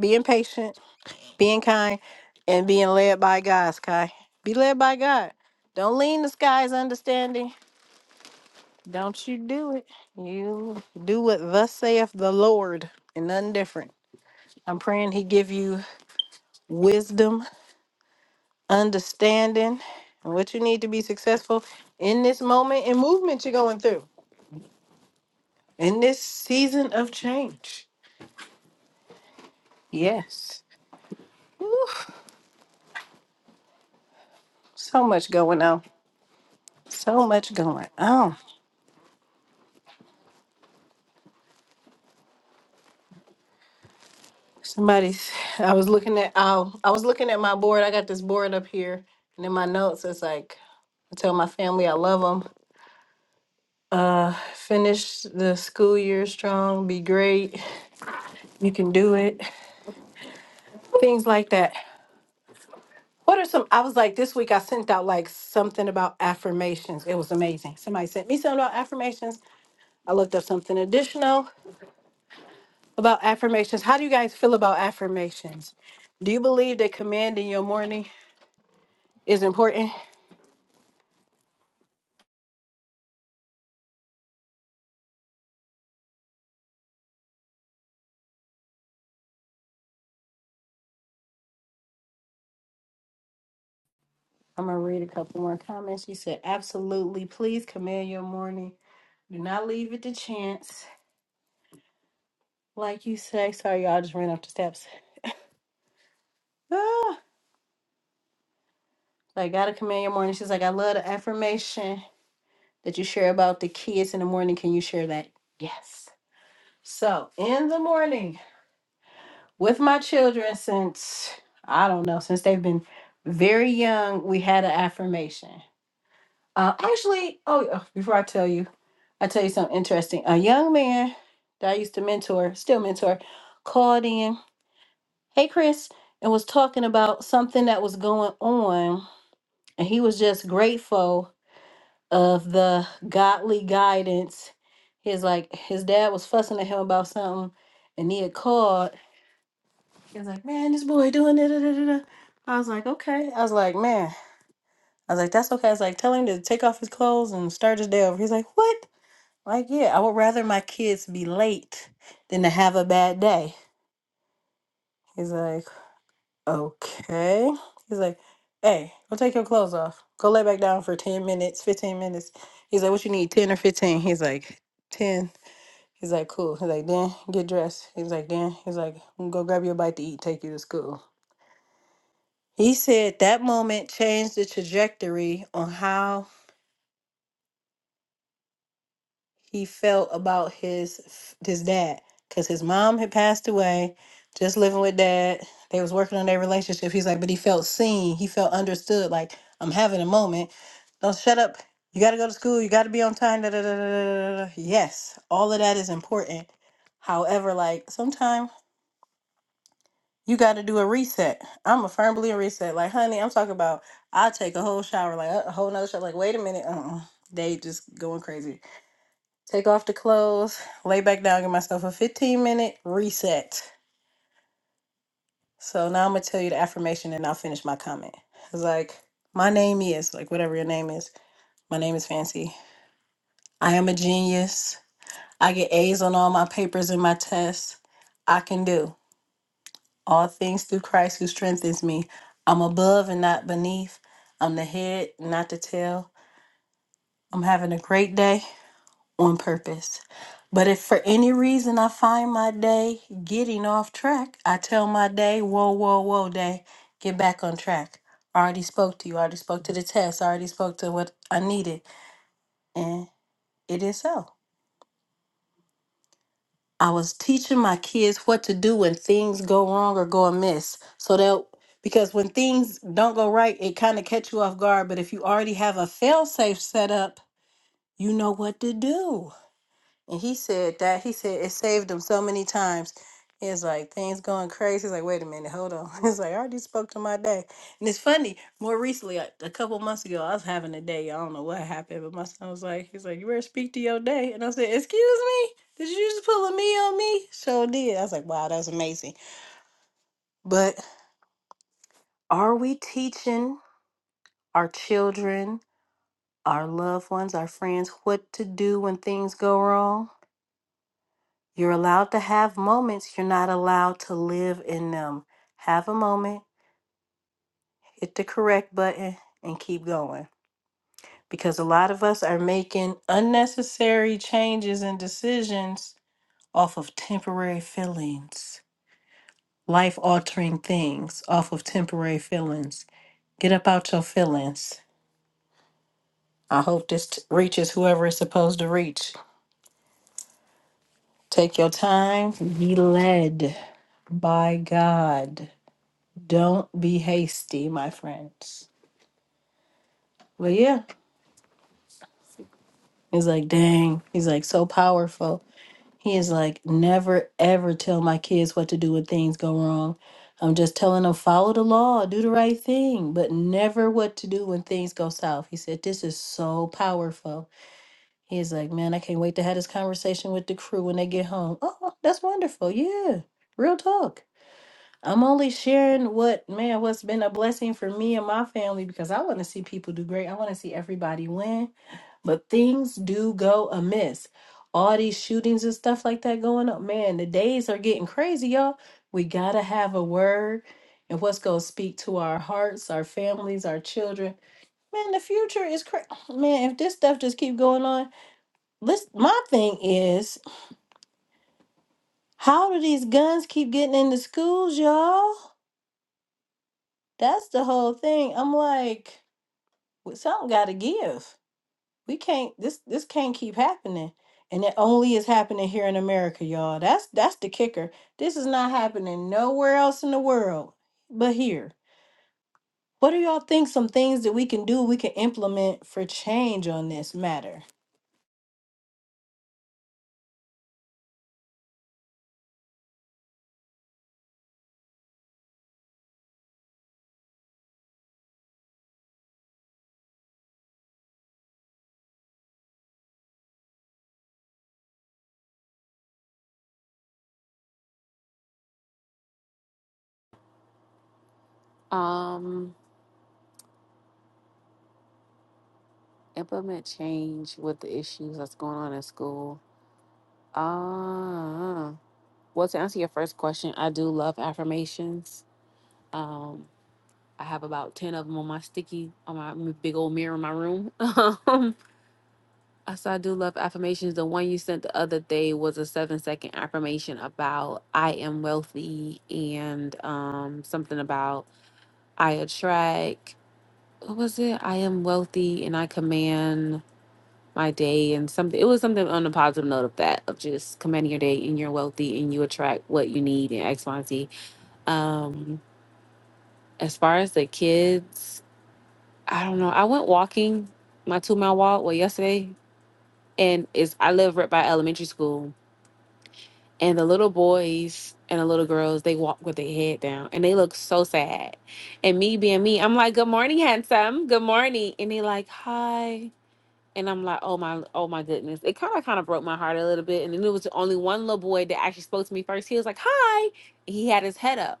being patient, being kind, and being led by God, Sky. Be led by God. Don't lean to Sky's understanding. Don't you do it. You do what thus saith the Lord and nothing different. I'm praying he give you wisdom understanding and what you need to be successful in this moment and movement you're going through in this season of change. Yes, so much going on. So much going on. Somebody's. I was looking at. Um, I was looking at my board. I got this board up here, and in my notes, it's like I tell my family I love them. Uh, finish the school year strong. Be great. You can do it. Things like that. What are some? I was like, this week I sent out like something about affirmations. It was amazing. Somebody sent me something about affirmations. I looked up something additional about affirmations. How do you guys feel about affirmations? Do you believe that commanding your morning is important? I'm gonna read a couple more comments. She said, absolutely. Please command your morning. Do not leave it to chance. Like you say, sorry, y'all I just ran up the steps. Ah, like, gotta command your morning. She's like, I love the affirmation. that you share about the kids in the morning. Can you share that? Yes. So in the morning with my children since I don't know, since they've been very young, we had an affirmation. Uh, actually, oh, yeah, before I tell you, I tell you something interesting. A young man that I used to mentor, still mentor, called in, "Hey, Chris," and was talking about something that was going on, and he was just grateful of the godly guidance. His like his dad was fussing at him about something, and he had called. He was like, "Man, this boy doing da da da da." da." I was like, "Okay." I was like, "Man," I was like, "That's okay." I was like, "Tell him to take off his clothes and start his day over." He's like, "What?" Like, yeah, I would rather my kids be late than to have a bad day. He's like, "Okay." He's like, "Hey, go take your clothes off. Go lay back down for ten minutes, fifteen minutes." He's like, "What you need, ten or 15?" He's like, 10. He's like, cool. He's like, Dan, get dressed. He's like, Dan, he's like, I'm gonna go grab you a bite to eat, take you to school. He said that moment changed the trajectory on how he felt about his f- his dad, cause his mom had passed away, just living with dad. They was working on their relationship. He's like, but he felt seen. He felt understood. Like I'm having a moment. Don't shut up. You gotta go to school. You gotta be on time. Da, da, da, da, da, da. da." Yes, all of that is important. However, like sometimes You got to do a reset. I'm a firm believer in reset. Like, honey, I'm talking about. I take a whole shower, like uh, a whole nother shower. Like, wait a minute, uh-uh. they just going crazy. Take off the clothes, lay back down, give myself a 15 minute reset. So now I'm gonna tell you the affirmation, and I'll finish my comment. It's like, my name is like whatever your name is. My name is Fancy. I am a genius. I get A's on all my papers and my tests. I can do. all things through Christ who strengthens me. I'm above and not beneath. I'm the head, not the tail. I'm having a great day on purpose. But if for any reason I find my day getting off track, I tell my day, whoa, whoa, whoa, day, get back on track. I already spoke to you. I already spoke to the test. I already spoke to what I needed. And it is so. I was teaching my kids what to do when things go wrong or go amiss. So that because when things don't go right, it kind of catch you off guard. But if you already have a fail safe set up, you know what to do. And he said that he said it saved him so many times. It's like things going crazy. He's like, wait a minute, hold on. It's like I already spoke to my day, and it's funny. More recently, like, a couple months ago, I was having a day. I don't know what happened, but my son was like, he's like, you better speak to your day, and I said, excuse me, did you just pull a me on me? Sure did. I was like, wow, that's amazing. But are we teaching our children, our loved ones, our friends what to do when things go wrong? You're allowed to have moments, you're not allowed to live in them. Have a moment, hit the correct button, and keep going. Because a lot of us are making unnecessary changes and decisions off of temporary feelings, life altering things off of temporary feelings. Get up out your feelings. I hope this t- reaches whoever it's supposed to reach. Take your time, be led by God. Don't be hasty, my friends. But yeah, he's like, dang, he's like so powerful. He is like, never ever tell my kids what to do when things go wrong. I'm just telling them follow the law, do the right thing, but never what to do when things go south. He said, this is so powerful. He's like, man, I can't wait to have this conversation with the crew when they get home. Oh, that's wonderful. Yeah, real talk. I'm only sharing what, man, what's been a blessing for me and my family because I want to see people do great. I want to see everybody win. But things do go amiss. All these shootings and stuff like that going up, man, the days are getting crazy, y'all. We got to have a word and what's going to speak to our hearts, our families, our children. Man, the future is crazy. Man, if this stuff just keep going on, let's my thing is, how do these guns keep getting into schools, y'all? That's the whole thing. I'm like, well, something got to give. we can't this this can't keep happening and it only is happening here in america y'all that's that's the kicker this is not happening nowhere else in the world but here what do y'all think some things that we can do we can implement for change on this matter
Um, implement change with the issues that's going on in school. Uh, well, to answer your first question, I do love affirmations. Um, I have about 10 of them on my sticky, on my m- big old mirror in my room. Um, uh, so I do love affirmations. The one you sent the other day was a seven second affirmation about I am wealthy and um, something about I attract. What was it? I am wealthy and I command. my day and something it was something on a positive note of that of just commanding your day and you're wealthy and you attract what you need and X, Y, and Z. Um as far as the kids, I don't know. I went walking my two mile walk well yesterday and it's I live right by elementary school and the little boys and the little girls they walk with their head down and they look so sad. And me being me, I'm like, Good morning, handsome, good morning and they like hi And I'm like, oh my, oh my goodness. It kind of kind of broke my heart a little bit. And then it was only one little boy that actually spoke to me first. He was like, hi. He had his head up.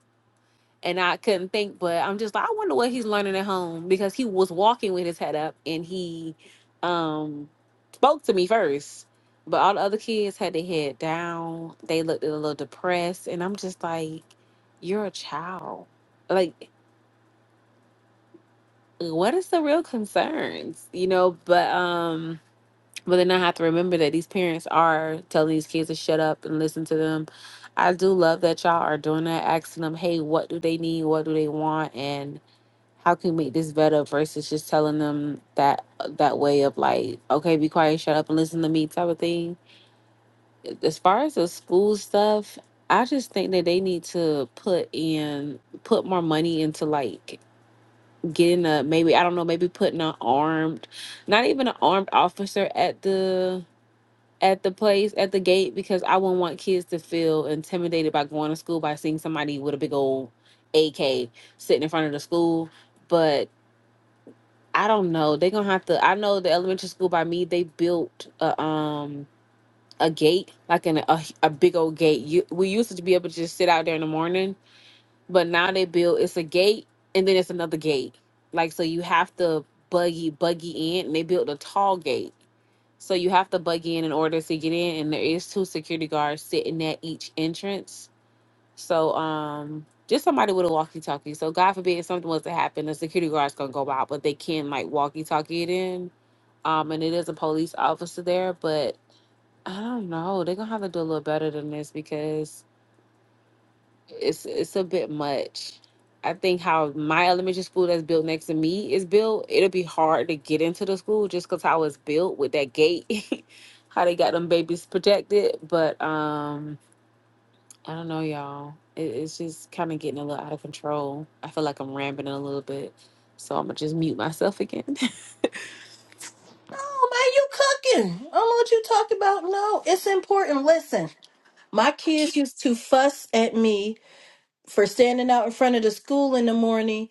And I couldn't think, but I'm just like, I wonder what he's learning at home because he was walking with his head up and he um spoke to me first. But all the other kids had their head down. They looked a little depressed. And I'm just like, you're a child. Like, what is the real concerns? You know, but um But then I have to remember that these parents are telling these kids to shut up and listen to them. I do love that y'all are doing that, asking them, hey, what do they need? What do they want? And how can we make this better versus just telling them that that way of like, okay, be quiet, shut up and listen to me type of thing. As far as the school stuff, I just think that they need to put in put more money into like getting a maybe I don't know, maybe putting an armed not even an armed officer at the at the place at the gate because I wouldn't want kids to feel intimidated by going to school by seeing somebody with a big old AK sitting in front of the school. But I don't know. They're gonna have to. I know the elementary school by me. They built a um a gate like an a, a big old gate. You we used to be able to just sit out there in the morning, but now they build it's a gate and then it's another gate. Like so, you have to buggy buggy in, and they built a tall gate so you have to bug in in order to get in, and there is two security guards sitting at each entrance. So um, just somebody with a walkie-talkie. So God forbid something was to happen, the security guard's gonna go out, but they can like walkie-talkie it in. Um, and it is a police officer there, but I don't know. They're gonna have to do a little better than this because it's it's a bit much. I think how my elementary school that's built next to me is built, it'll be hard to get into the school just because how it's built with that gate, how they got them babies protected. But um, I don't know, y'all. It, it's just kind of getting a little out of control. I feel like I'm rambling a little bit, so I'm gonna just mute myself again.
no man you cooking i don't know what you talking about no it's important listen my kids used to fuss at me for standing out in front of the school in the morning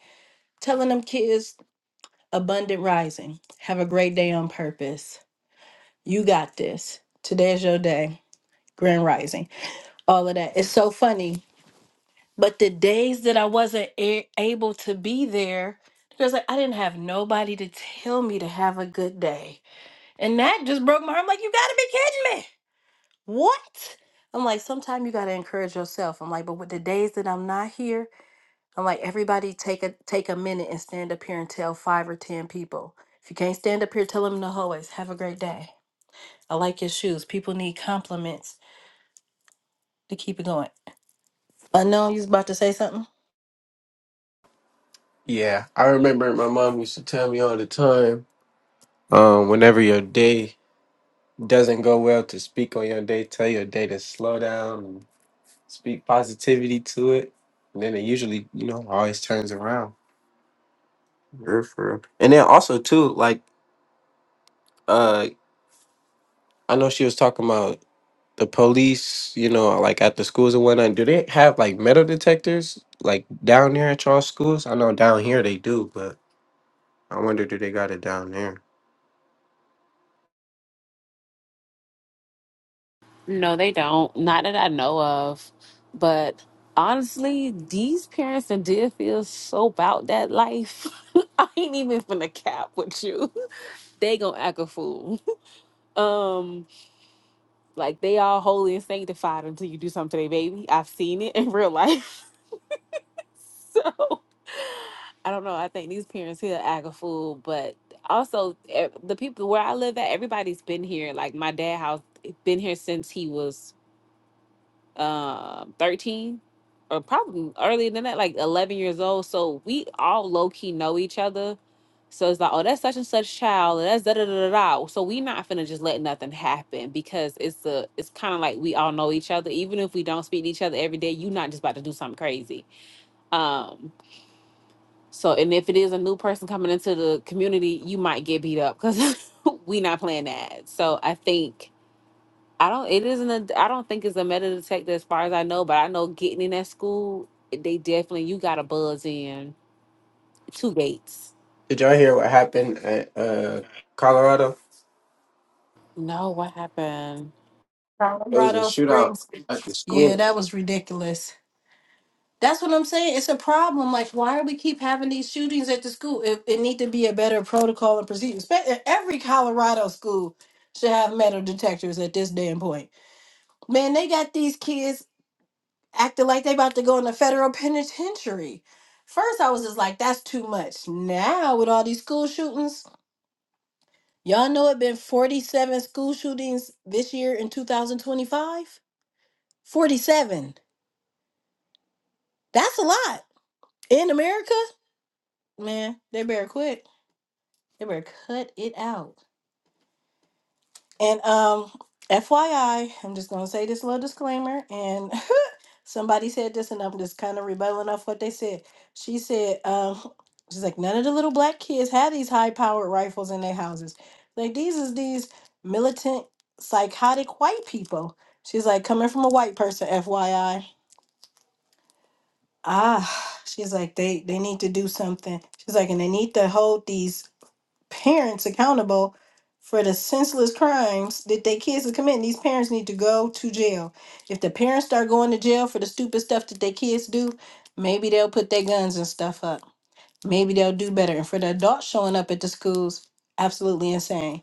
telling them kids abundant rising have a great day on purpose You got this. Today's your day. Grand rising. All of that. It's so funny. But the days that I wasn't a- able to be there, because like, I didn't have nobody to tell me to have a good day. And that just broke my heart. I'm like, you gotta be kidding me. What? I'm like, sometimes you gotta encourage yourself. I'm like, but with the days that I'm not here, I'm like, everybody take a take a minute and stand up here and tell five or ten people. If you can't stand up here, tell them in the hallways, have a great day. I like your shoes. People need compliments to keep it going. I know you was about to say something.
Yeah, I remember my mom used to tell me all the time, um, whenever your day doesn't go well, to speak on your day, tell your day to slow down and speak positivity to it. And then it usually, you know, always turns around. Yeah, for real. And then also too, like uh I know she was talking about the police, you know, like at the schools and whatnot, do they have like metal detectors like down there at y'all schools? I know down here they do, but I wonder do they got it down there?
No, they don't. Not that I know of. But honestly, these parents and did feel so about that life. I ain't even finna cap with you. They gonna act a fool. Um, like they all holy and sanctified until you do something to their baby. I've seen it in real life. So I don't know. I think these parents here act a fool, but also e- the people where I live at, everybody's been here. Like my dad house been here since he was uh, 13 or probably earlier than that, like 11 years old. So we all low key know each other. So it's like, oh, that's such and such child, and that's da da da da da. So we not finna just let nothing happen because it's a, it's kind of like we all know each other. Even if we don't speak to each other every day, you not just about to do something crazy. Um. So and if it is a new person coming into the community, you might get beat up because we not playing that. So I think I don't. It isn't a. I don't think it's a metal detector as far as I know, but I know getting in that school, they definitely you got to buzz in two gates.
Did y'all hear what happened at uh Colorado?
No, what happened?
It was a
Colorado
shootout
Springs.
at the
Yeah,
school.
that was ridiculous. That's what I'm saying. It's a problem. Like, why do we keep having these shootings at the school? It, it need to be a better protocol and procedure. Spe- e, Every Colorado school should have metal detectors at this damn point. Man, they got these kids acting like they about to go in the federal penitentiary. First, I was just like, that's too much. Now, with all these school shootings, Y'all know it been 47 school shootings this year in 2025? 47. That's a lot. In America? Man, they better quit. They better cut it out. And um FYI, I'm just going to say this little disclaimer and Somebody said this, and I'm just kind of rebelling off what they said. She said, um, she's like, none of the little black kids had these high powered rifles in their houses. Like these is these militant, psychotic white people. She's like, coming from a white person, FYI. Ah, she's like, they they need to do something. She's like, and they need to hold these parents accountable for the senseless crimes that their kids are committing. These parents need to go to jail. If the parents start going to jail for the stupid stuff that their kids do, maybe they'll put their guns and stuff up. Maybe they'll do better. And for the adults showing up at the schools, absolutely insane.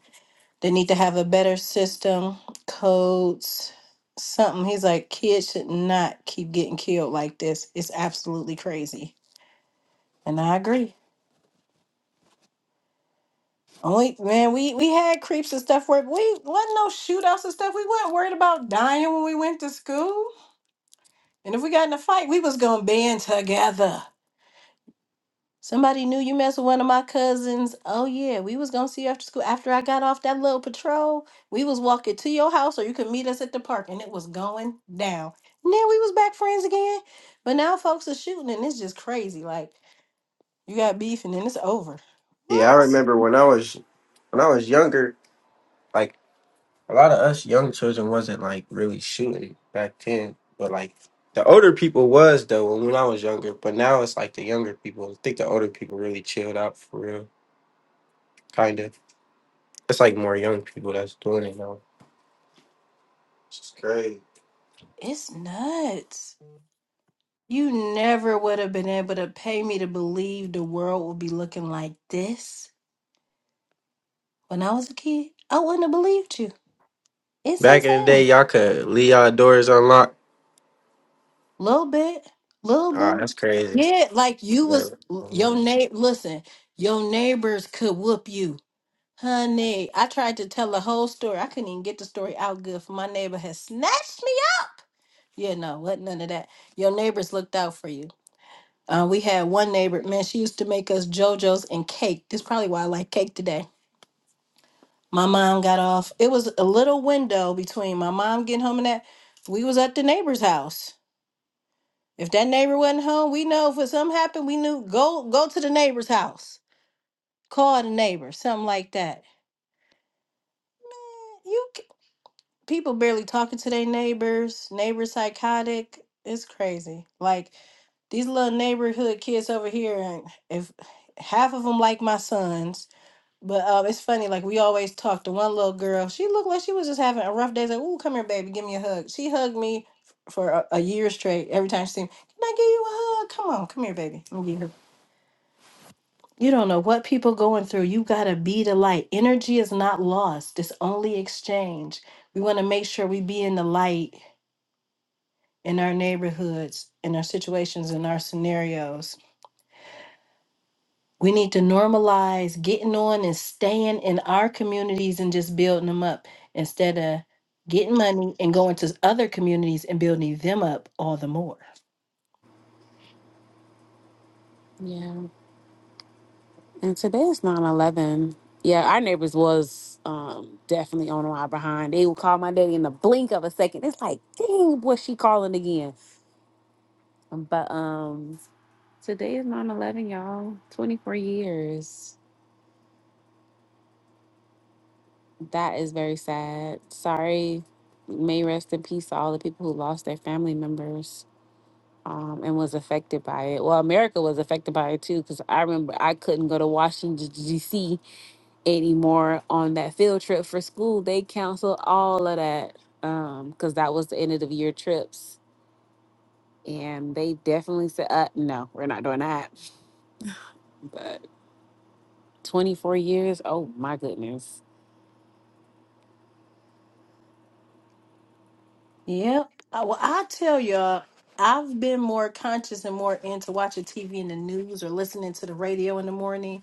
They need to have a better system, codes, something. He's like, kids should not keep getting killed like this. It's absolutely crazy. And I agree. Only man, we we had creeps and stuff where we wasn't no shootouts and stuff. We weren't worried about dying when we went to school. And if we got in a fight, we was gonna band together. Somebody knew you messed with one of my cousins. Oh yeah, we was gonna see you after school. After I got off that little patrol, we was walking to your house, or you could meet us at the park, and it was going down. And then we was back friends again. But now folks are shooting, and it's just crazy. Like you got beef, and then it's over.
Yeah, I
What?
remember when I was when I was younger, like a lot of us young children wasn't like really shooting back then, but like the older people was though when, when I was younger, but now it's like the younger people. I think the older people really chilled out for real, kind of. It's like more young people that's doing it now. It's crazy.
It's nuts. You never would have been able to pay me to believe the world would be looking like this when I was a kid. I wouldn't have believed you. It's
Back in the day,
insane.
y'all could leave y'all doors unlocked.
Little bit, little
Ah,
bit.
that's crazy.
Yeah, like you
Yeah.
was your neighbor. Listen, your neighbors could whoop you, honey. I tried to tell the whole story. I couldn't even get the story out good. For my neighbor had snatched me up. Yeah, no, what none of that. Your neighbors looked out for you. Uh, we had one neighbor, man, she used to make us JoJo's and cake. This probably why I like cake today. My mom got off. It was a little window between my mom getting home and that. We was at the neighbor's house. If that neighbor wasn't home, we know if something happened, we knew go go to the neighbor's house. Call the neighbor, something like that. You c- people barely talking to their neighbors. Neighbors psychotic. It's crazy. Like these little neighborhood kids over here, and if half of them like my sons, But um, it's funny, like we always talk to one little girl. She looked like she was just having a rough day. Like, "Ooh, come here, baby, give me a hug." She hugged me f- for a, a year straight. Every time she seen, me, can I give you a hug? Come on, come here, baby. Let me give her. You don't know what people going through. You gotta be the light. Energy is not lost. It's only exchange. We want to make sure we be in the light in our neighborhoods, in our situations, in our scenarios We need to normalize getting on and staying in our communities and just building them up instead of getting money and going to other communities and building them up all the more.
Yeah, and today is nine eleven. Yeah, our neighbors was um definitely on my behind. They would call my daddy in the blink of a second. It's like, dang, boy, she calling again? But um, today is nine eleven, y'all. Twenty four years. That is very sad. Sorry. May rest in peace to all the people who lost their family members um, and was affected by it. Well, America was affected by it too, because I remember I couldn't go to Washington, D.C. anymore on that field trip for school. They canceled all of that because that was the end of the year trips. And they definitely said, uh, no, we're not doing that. But 24 years, oh my goodness.
Yep. I, well, I tell y'all, I've been more conscious and more into watching TV in the news or listening to the radio in the morning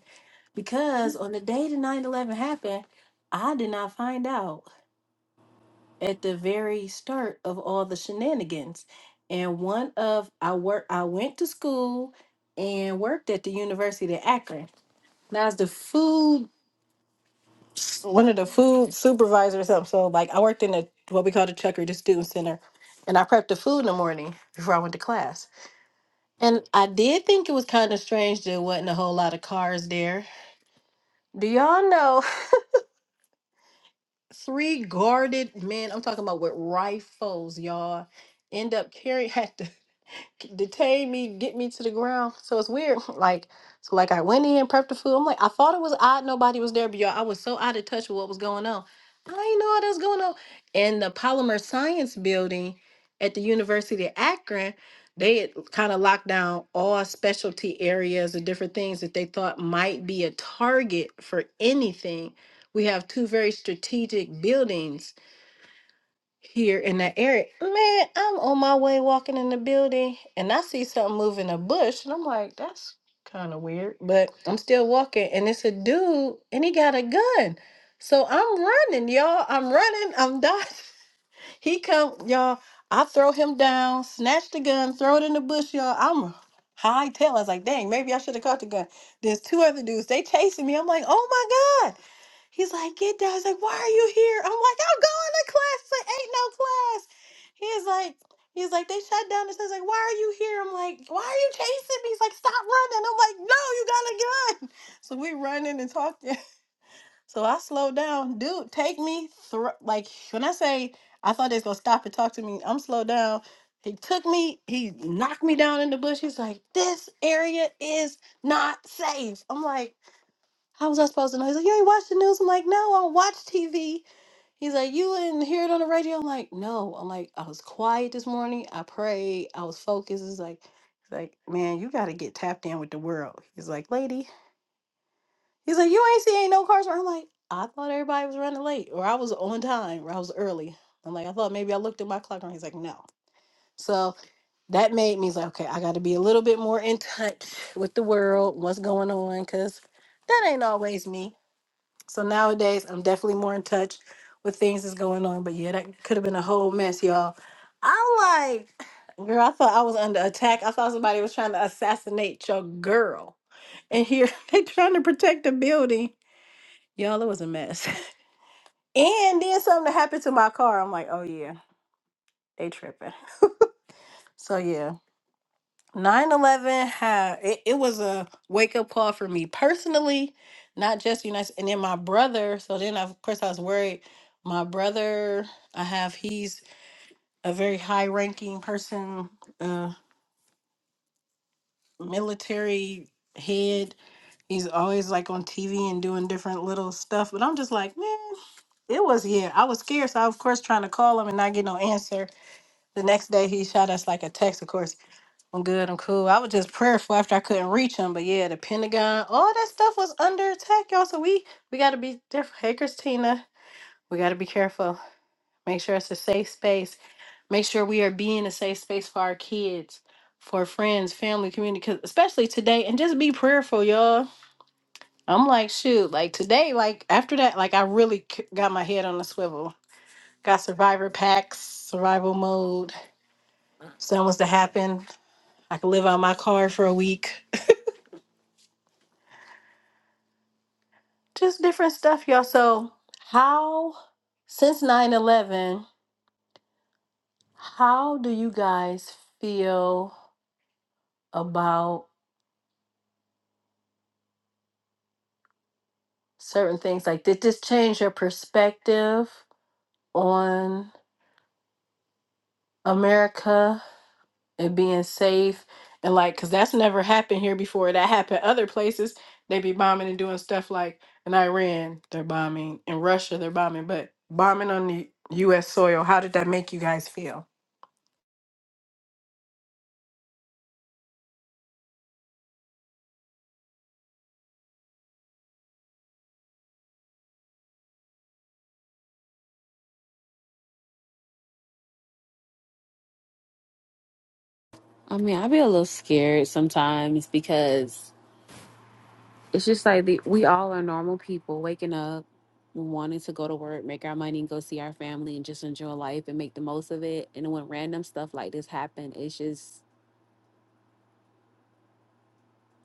Because on the day the 9 11 happened, I did not find out at the very start of all the shenanigans. And one of I work I went to school and worked at the University of Akron. And I was the food one of the food supervisors or something. So like I worked in the what we call the Chucker, the student center. And I prepped the food in the morning before I went to class. And I did think it was kind of strange there wasn't a whole lot of cars there. Do y'all know three guarded men. I'm talking about with rifles, y'all. End up carrying had to detain me, get me to the ground. So it's weird. Like, so like I went in, prepped the food. I'm like, I thought it was odd nobody was there, but y'all, I was so out of touch with what was going on. I didn't know what was going on. In the polymer science building at the University of Akron, they had kind of locked down all specialty areas and different things that they thought might be a target for anything. We have two very strategic buildings here in that area. Man, I'm on my way walking in the building and I see something moving a bush and I'm like, that's kind of weird. But I'm still walking and it's a dude and he got a gun. So I'm running, y'all. I'm running. I'm dodging. He come, y'all. I throw him down, snatch the gun, throw it in the bush, y'all. I'm high tail. I was like, dang, maybe I should have caught the gun. There's two other dudes. They chasing me. I'm like, oh my God. He's like, get down. He's like, why are you here? I'm like, I'm going to class. He's like, ain't no class. He's like, he's like, they shut down the says like, why are you here? I'm like, why are you chasing me? He's like, stop running. I'm like, no, you got a gun. So we running and talking. So I slowed down. Dude, take me through. Like, when I say I thought they was going to stop and talk to me, I'm slowed down. He took me, he knocked me down in the bush. He's like, this area is not safe. I'm like, how was I supposed to know? He's like, you ain't watch the news. I'm like, no, I watch TV. He's like, you didn't hear it on the radio. I'm like, no. I'm like, I was quiet this morning. I prayed. I was focused. He's like, he's like, man, you got to get tapped in with the world. He's like, lady, He's like, you ain't see ain't no cars. I'm like, I thought everybody was running late, or I was on time, or I was early. I'm like, I thought maybe I looked at my clock, and he's like, no. So that made me he's like, okay, I got to be a little bit more in touch with the world, what's going on, because that ain't always me. So nowadays, I'm definitely more in touch with things that's going on. But yeah, that could have been a whole mess, y'all. I'm like, girl, I thought I was under attack. I thought somebody was trying to assassinate your girl, and here they trying to protect the building. Y'all, it was a mess. and then something happened to my car. I'm like, oh yeah, they tripping. So yeah, nine eleven. 11 had it, it was a wake up call for me personally, not just United. And then my brother. So then of course I was worried. My brother, I have he's a very high ranking person, uh, military head. He's always like on TV and doing different little stuff. But I'm just like, man, it was yeah. I was scared, so I, of course trying to call him and not get no answer. The next day he shot us like a text, of course. I'm good, I'm cool. I was just prayerful after I couldn't reach him. But yeah, the Pentagon, all that stuff was under attack, y'all. So we we gotta be different. Hey Christina, we gotta be careful. Make sure it's a safe space. Make sure we are being a safe space for our kids, for friends, family, community, 'cause- especially today. And just be prayerful, y'all. I'm like, shoot, like today, like after that, like I really c- got my head on the swivel. Got survivor packs, survival mode something was to happen. I could live on my car for a week. Just different stuff, y'all. So, how, since 9 11, how do you guys feel about certain things? Like, did this change your perspective on America and being safe? And, like, because that's never happened here before. That happened other places. They be bombing and doing stuff like in Iran, they're bombing. In Russia, they're bombing. But bombing on the U.S. soil, how did that make you guys feel?
I mean, I be a little scared sometimes because It's just like the, we all are normal people waking up, wanting to go to work, make our money, go see our family, and just enjoy life and make the most of it. And when random stuff like this happen, it's just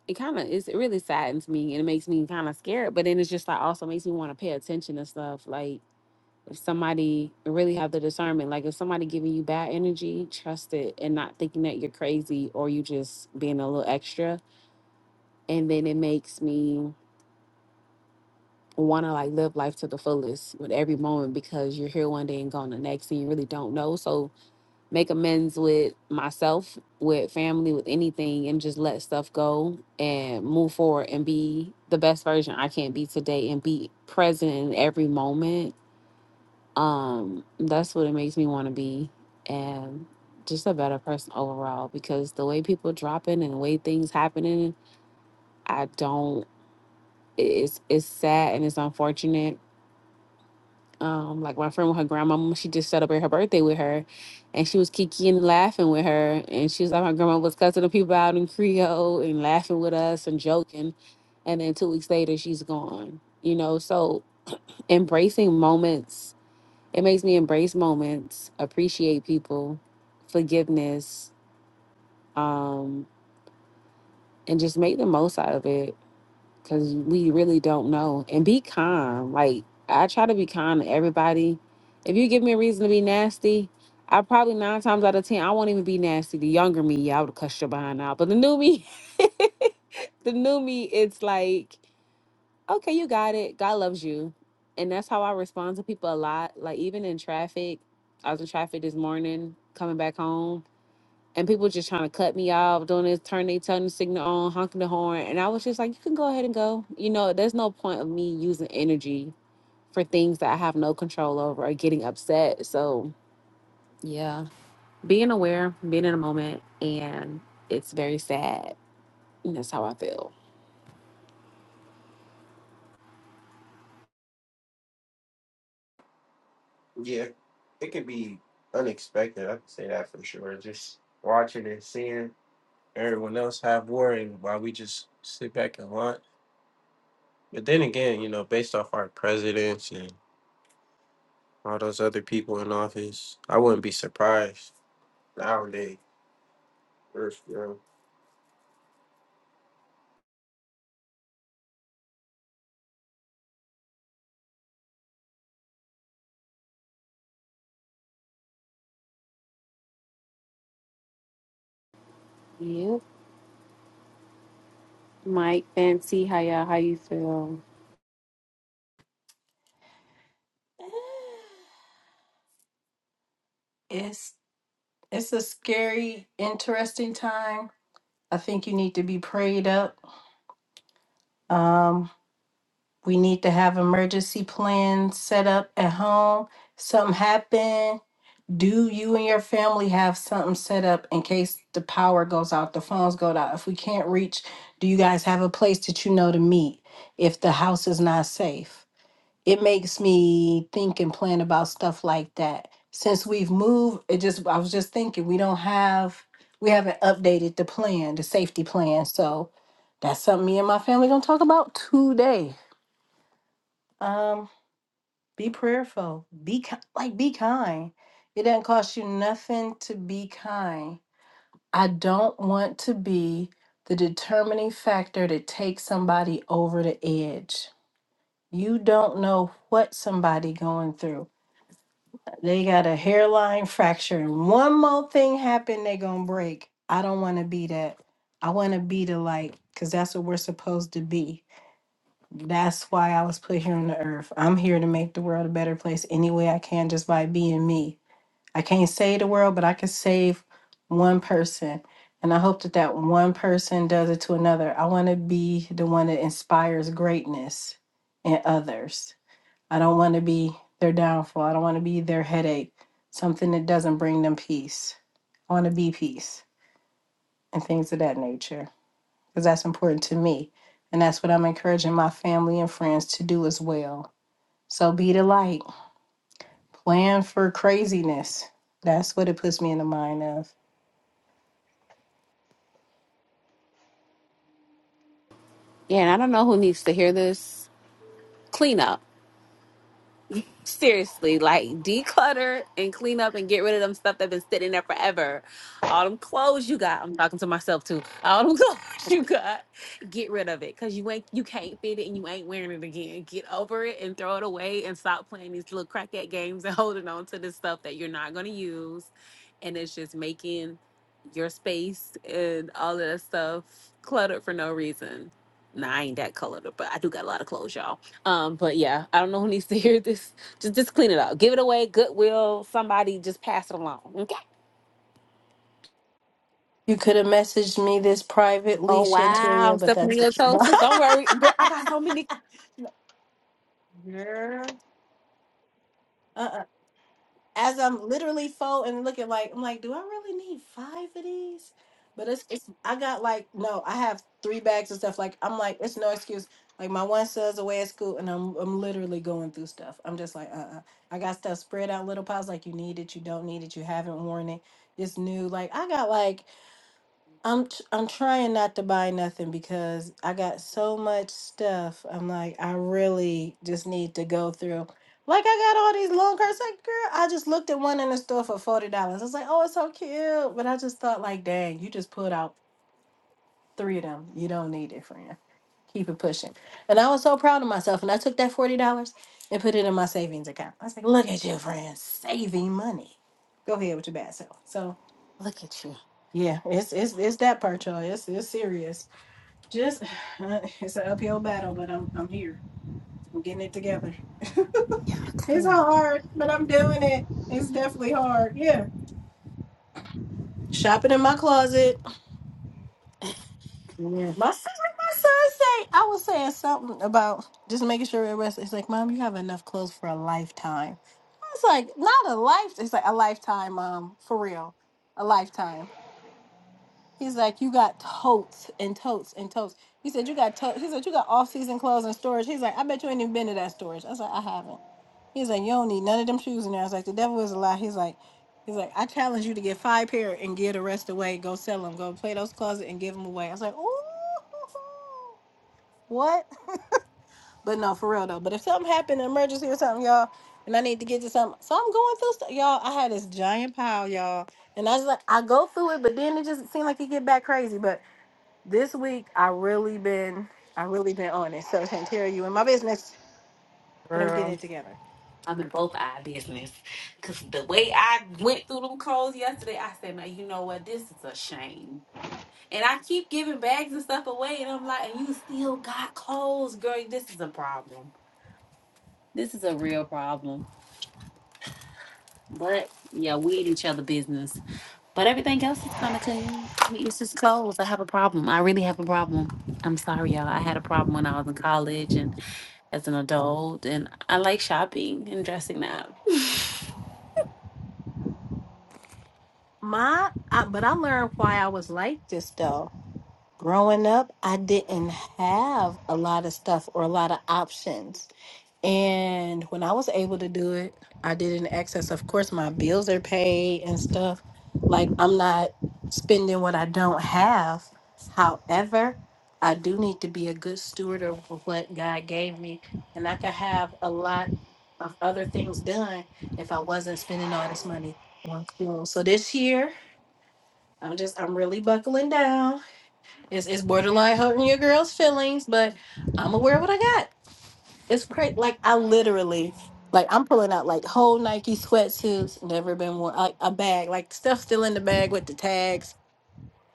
it kind of it's it really saddens me and it makes me kind of scared. But then it's just like also makes me want to pay attention to stuff like. If somebody really have the discernment, like if somebody giving you bad energy, trust it and not thinking that you're crazy or you just being a little extra. And then it makes me want to like live life to the fullest with every moment because you're here one day and gone the next and you really don't know so make amends with myself with family with anything and just let stuff go and move forward and be the best version i can be today and be present in every moment um that's what it makes me want to be and just a better person overall because the way people dropping and the way things happening i don't it's it's sad and it's unfortunate Um, like my friend with her grandma, she just celebrated her birthday with her, and she was kiki and laughing with her, and she was like, my grandma was cussing the people out in Creole and laughing with us and joking, and then two weeks later she's gone. You know, so embracing moments, it makes me embrace moments, appreciate people, forgiveness, um, and just make the most out of it because we really don't know. And be kind. Like I try to be kind to everybody. If you give me a reason to be nasty, I probably nine times out of ten I won't even be nasty. The younger me, yeah, I would cuss your behind out. But the new me, the new me, it's like, okay, you got it. God loves you, and that's how I respond to people a lot. Like even in traffic, I was in traffic this morning coming back home and people just trying to cut me off, doing this, turn their turn signal on, honking the horn, and I was just like, you can go ahead and go. You know, there's no point of me using energy for things that I have no control over or getting upset. So yeah, being aware, being in the moment, and it's very sad. And that's how I feel.
Yeah, it could be unexpected. I can say that for sure. Just watching and seeing everyone else have war, and while we just sit back and watch. But then again, you know, based off our presidents and all those other people in office, I wouldn't be surprised nowadays.
Yep. Mike, Fancy, how y'all, how you feel?
It's it's a scary, interesting time. I think you need to be prayed up. Um, we need to have emergency plans set up at home. Something happen. Do you and your family have something set up in case the power goes out, the phones go out? If we can't reach, do you guys have a place that you know to meet if the house is not safe? it makes me think and plan about stuff like that. Since we've moved, it just I was just thinking we don't have we haven't updated the plan, the safety plan. So that's something me and my family gonna talk about today. Um, be prayerful. Be ki- like be kind. It doesn't cost you nothing to be kind. I don't want to be the determining factor that takes somebody over the edge. You don't know what somebody going through They got a hairline fracture, and one more thing happen, they gonna break. I don't want to be that. I want to be the light, cause that's what we're supposed to be. That's why I was put here on the earth. I'm here to make the world a better place any way I can, just by being me. I can't save the world, but I can save one person, and I hope that that one person does it to another. I want to be the one that inspires greatness in others. I don't want to be their downfall. I don't want to be their headache, something that doesn't bring them peace. I want to be peace and things of that nature because that's important to me. And that's what I'm encouraging my family and friends to do as well. So be the light. Plan for craziness. That's what it puts me in the mind of.
Yeah, and I don't know who needs to hear this. Clean up. seriously, like declutter and clean up and get rid of them stuff that been sitting there forever. All them clothes you got, I'm talking to myself too. All them clothes you got, get rid of it because you ain't you can't fit it and you ain't wearing it again. Get over it and throw it away and stop playing these little crackhead games and holding on to this stuff that you're not gonna use, and it's just making your space and all of that stuff cluttered for no reason. Nah, I ain't that colored, but I do got a lot of clothes, y'all. Um, but yeah, I don't know who needs to hear this just just clean it up. Give it away. Goodwill. Somebody just pass it along. Okay.
You could have messaged me this privately,
Oh wow,
Shanteria,
I'm
but
stepping on
that's
your toes. sis. Don't worry, girl. I got so many.
Girl. Uh uh as I'm literally folding and looking like I'm like, do I really need five of these? But it's, it's I got like no, I have three bags of stuff. Like I'm like, it's no excuse. Like my one son's away at school and I'm I'm literally going through stuff. I'm just like, uh uh I got stuff spread out in little piles like you need it, you don't need it, you haven't worn it, it's new. Like I got like I'm tr- I'm trying not to buy nothing because I got so much stuff. I'm like, I really just need to go through. Like I got all these long curls. Like, girl, I just looked at one in the store for forty dollars. I was like, oh, it's so cute. But I just thought, like, dang, you just pulled out three of them. You don't need it, friend. Keep it pushing. And I was so proud of myself. And I took that forty dollars and put it in my savings account. I was like, look at you, friend, saving money. Go ahead with your bad self. So
Look at you.
yeah, it's it's it's that part, y'all. It's it's serious. Just uh, it's an uphill battle, but I'm I'm here. I'm getting it together.
Yeah,
It's
clean,
hard, but I'm doing it. It's definitely hard. Yeah. Shopping in my closet. Yeah. My son, like my son say, I was saying something about just making sure it rests. It's like, Mom, you have enough clothes for a lifetime. I was like, not a life. It's like a lifetime, Mom, for real, a lifetime. He's like, you got totes and totes and totes. He said, you got totes. He said, you got off season clothes and storage. He's like, I bet you ain't even been to that storage. I was like, I haven't. He's like, you don't need none of them shoes in there. I was like, the devil is a lie. He's like, he's like, I challenge you to get five pair and give the rest away. Go sell them. Go play those closet and give them away. I was like, ooh, what? But no, for real though. But if something happened, an emergency or something, y'all, and I need to get to something, so I'm going through stuff, y'all. I had this giant pile, y'all, and I was like, I go through it, but then it just seemed like it get back crazy, but. This week I really been I really been on it. So Shantara, you in my business, but I'm getting
girl.
it together.
I'm in both eye business. Cause the way I went through them clothes yesterday, I said, "Now you know what? This is a shame." And I keep giving bags and stuff away, and I'm like, "And you still got clothes, girl? This is a problem. This is a real problem." But yeah, we in each other business. But everything else is kind of clean. I mean, It's just clothes. I have a problem. I really have a problem. I'm sorry, y'all. I had a problem when I was in college and as an adult, and I like shopping and dressing up.
My I, but I learned why I was like this though. Growing up, I didn't have a lot of stuff or a lot of options. And when I was able to do it, I did it in excess. Of course, my bills are paid and stuff. Like, I'm not spending what I don't have. However, I do need to be a good steward of what God gave me. And I could have a lot of other things done if I wasn't spending all this money on clothes. So this year, I'm just, I'm really buckling down it's it's borderline hurting your girl's feelings, but I'm aware of what I got. It's crazy. Like I literally, like I'm pulling out like whole Nike sweatsuits, never been worn, like a bag, like stuff still in the bag with the tags.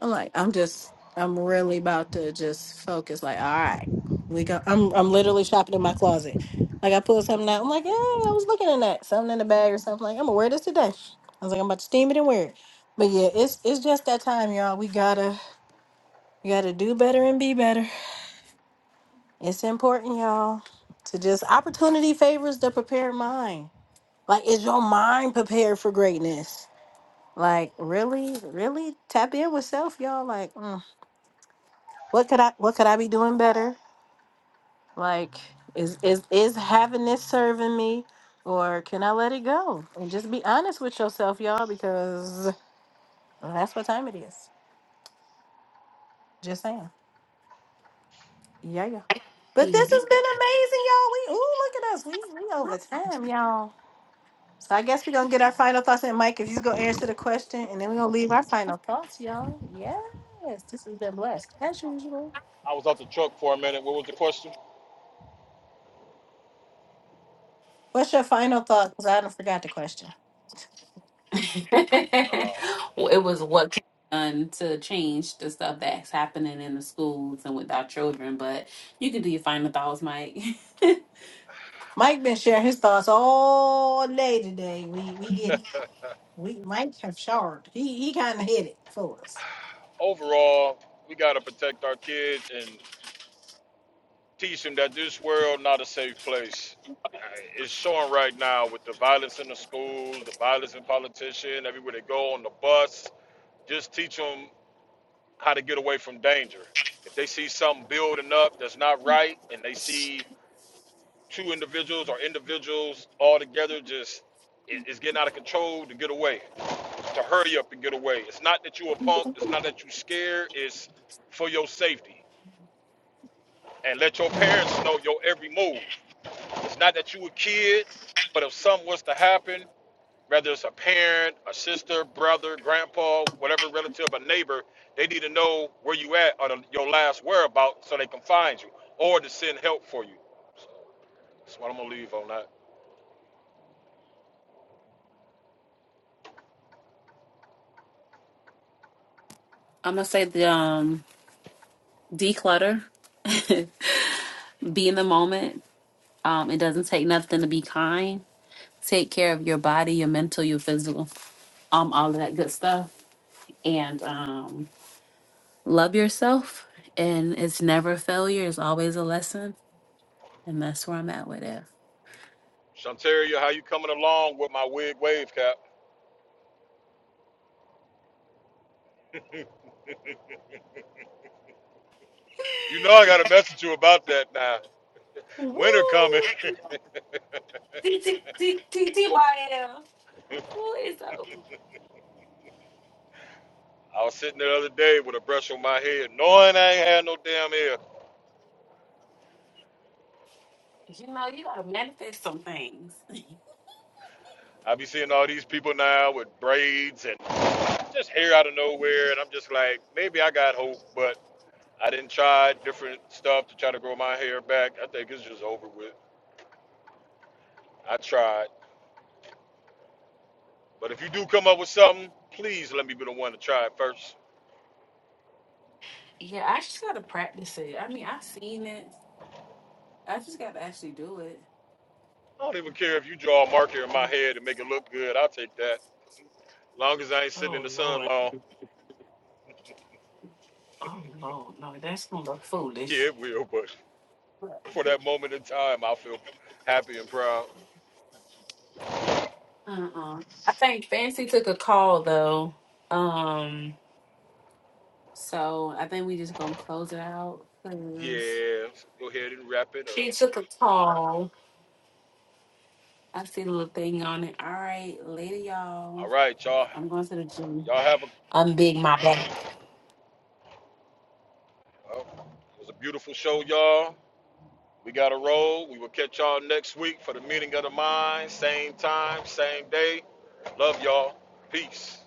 I'm like, I'm just, I'm really about to just focus. Like, all right, we go. I'm I'm literally shopping in my closet. Like I pulled something out. I'm like, yeah, I was looking at that something in the bag or something. Like I'm gonna wear this today. I was like, I'm about to steam it and wear it. But yeah, it's it's just that time, y'all. We gotta we gotta do better and be better. It's important, y'all, to just opportunity favors the prepared mind. Like, is your mind prepared for greatness? Like, really, really tap in with self, y'all. Like, mm, what could I, what could I be doing better? Like, is is is having this serving me, or can I let it go and just be honest with yourself, y'all? Because that's what time it is. Just saying, yeah, yeah. But
Yeah.
this has been amazing, y'all. We ooh, look at us. We we over time, y'all. So I guess we're gonna get our final thoughts and Mike, if you gonna answer the question and then we're gonna leave our final thoughts, y'all. Yes, this has been blessed. As usual.
I was out the truck for a minute. What was the question?
What's your final thought? Because I don't forgot the question.
Uh,
Well, it was what can be done to change the stuff that's happening in the schools and with our children, but you can do your final thoughts, Mike.
Mike been sharing his thoughts all day today. We we get
Mhm.
we Mike have showered. He he kinda hit it for us.
overall, we gotta protect our kids and Teach them that this world not a safe place. Uh, It's showing right now with the violence in the schools, the violence in politicians, everywhere they go on the bus. Just teach them how to get away from danger. If they see something building up that's not right, and they see two individuals or individuals all together, just it- it's getting out of control to get away, to hurry up and get away. It's not that you a punk. It's not that you scared. It's for your safety and let your
Yeah.
parents know your every move. It's not that you a kid, but if something was to happen, whether it's a parent, a sister, brother, grandpa, whatever relative, a neighbor, they need to know where you at or the, your last whereabout so they can find you or to send help for you. So that's what I'm gonna leave on that.
I'm gonna say the um declutter. be in the moment. Um, it doesn't take nothing to be kind take care of your body, your mental, your physical, um, all of that good stuff. And um, love yourself. And it's never failure, it's always a lesson. And that's where I'm at with it.
Shantaria, how you coming along with my wig wave cap? You know I gotta message you about that now.
Woo!
Winter coming.
TTYL. Who is up?
I was sitting there the other day with a brush on my head, knowing I ain't had no damn hair.
You know, you gotta manifest some things.
I be seeing all these people now with braids and just hair out of nowhere, and I'm just like, maybe I got hope, but I didn't try different stuff to try to grow my hair back. I think it's just over with. I tried, but if you do come up with something, please let me be the one to try it first.
Yeah, I just gotta practice it. I mean, I've seen it. I just gotta actually do it.
I don't even care if you draw a marker in my head and make it look good. I'll take that. As Long as I ain't sitting in
Oh
the sun
Lord.
long.
Oh Lord. No, that's gonna look
Yeah,
foolish.
it will, but for that moment in time, I'll feel happy and proud.
Uh-uh. I think Fancy took a call though. Um, so I think we just gonna close it out because
Yeah, so go ahead and wrap it
she
up.
took a call. I see the little thing on it. All right, later,
All
y'all.
right, y'all.
I'm going to the gym.
Y'all have a.
I'm big my back.
Uh, it was a beautiful show, y'all. We got to roll. We will catch y'all next week for the meeting of the minds. Same time, same day. Love y'all. Peace.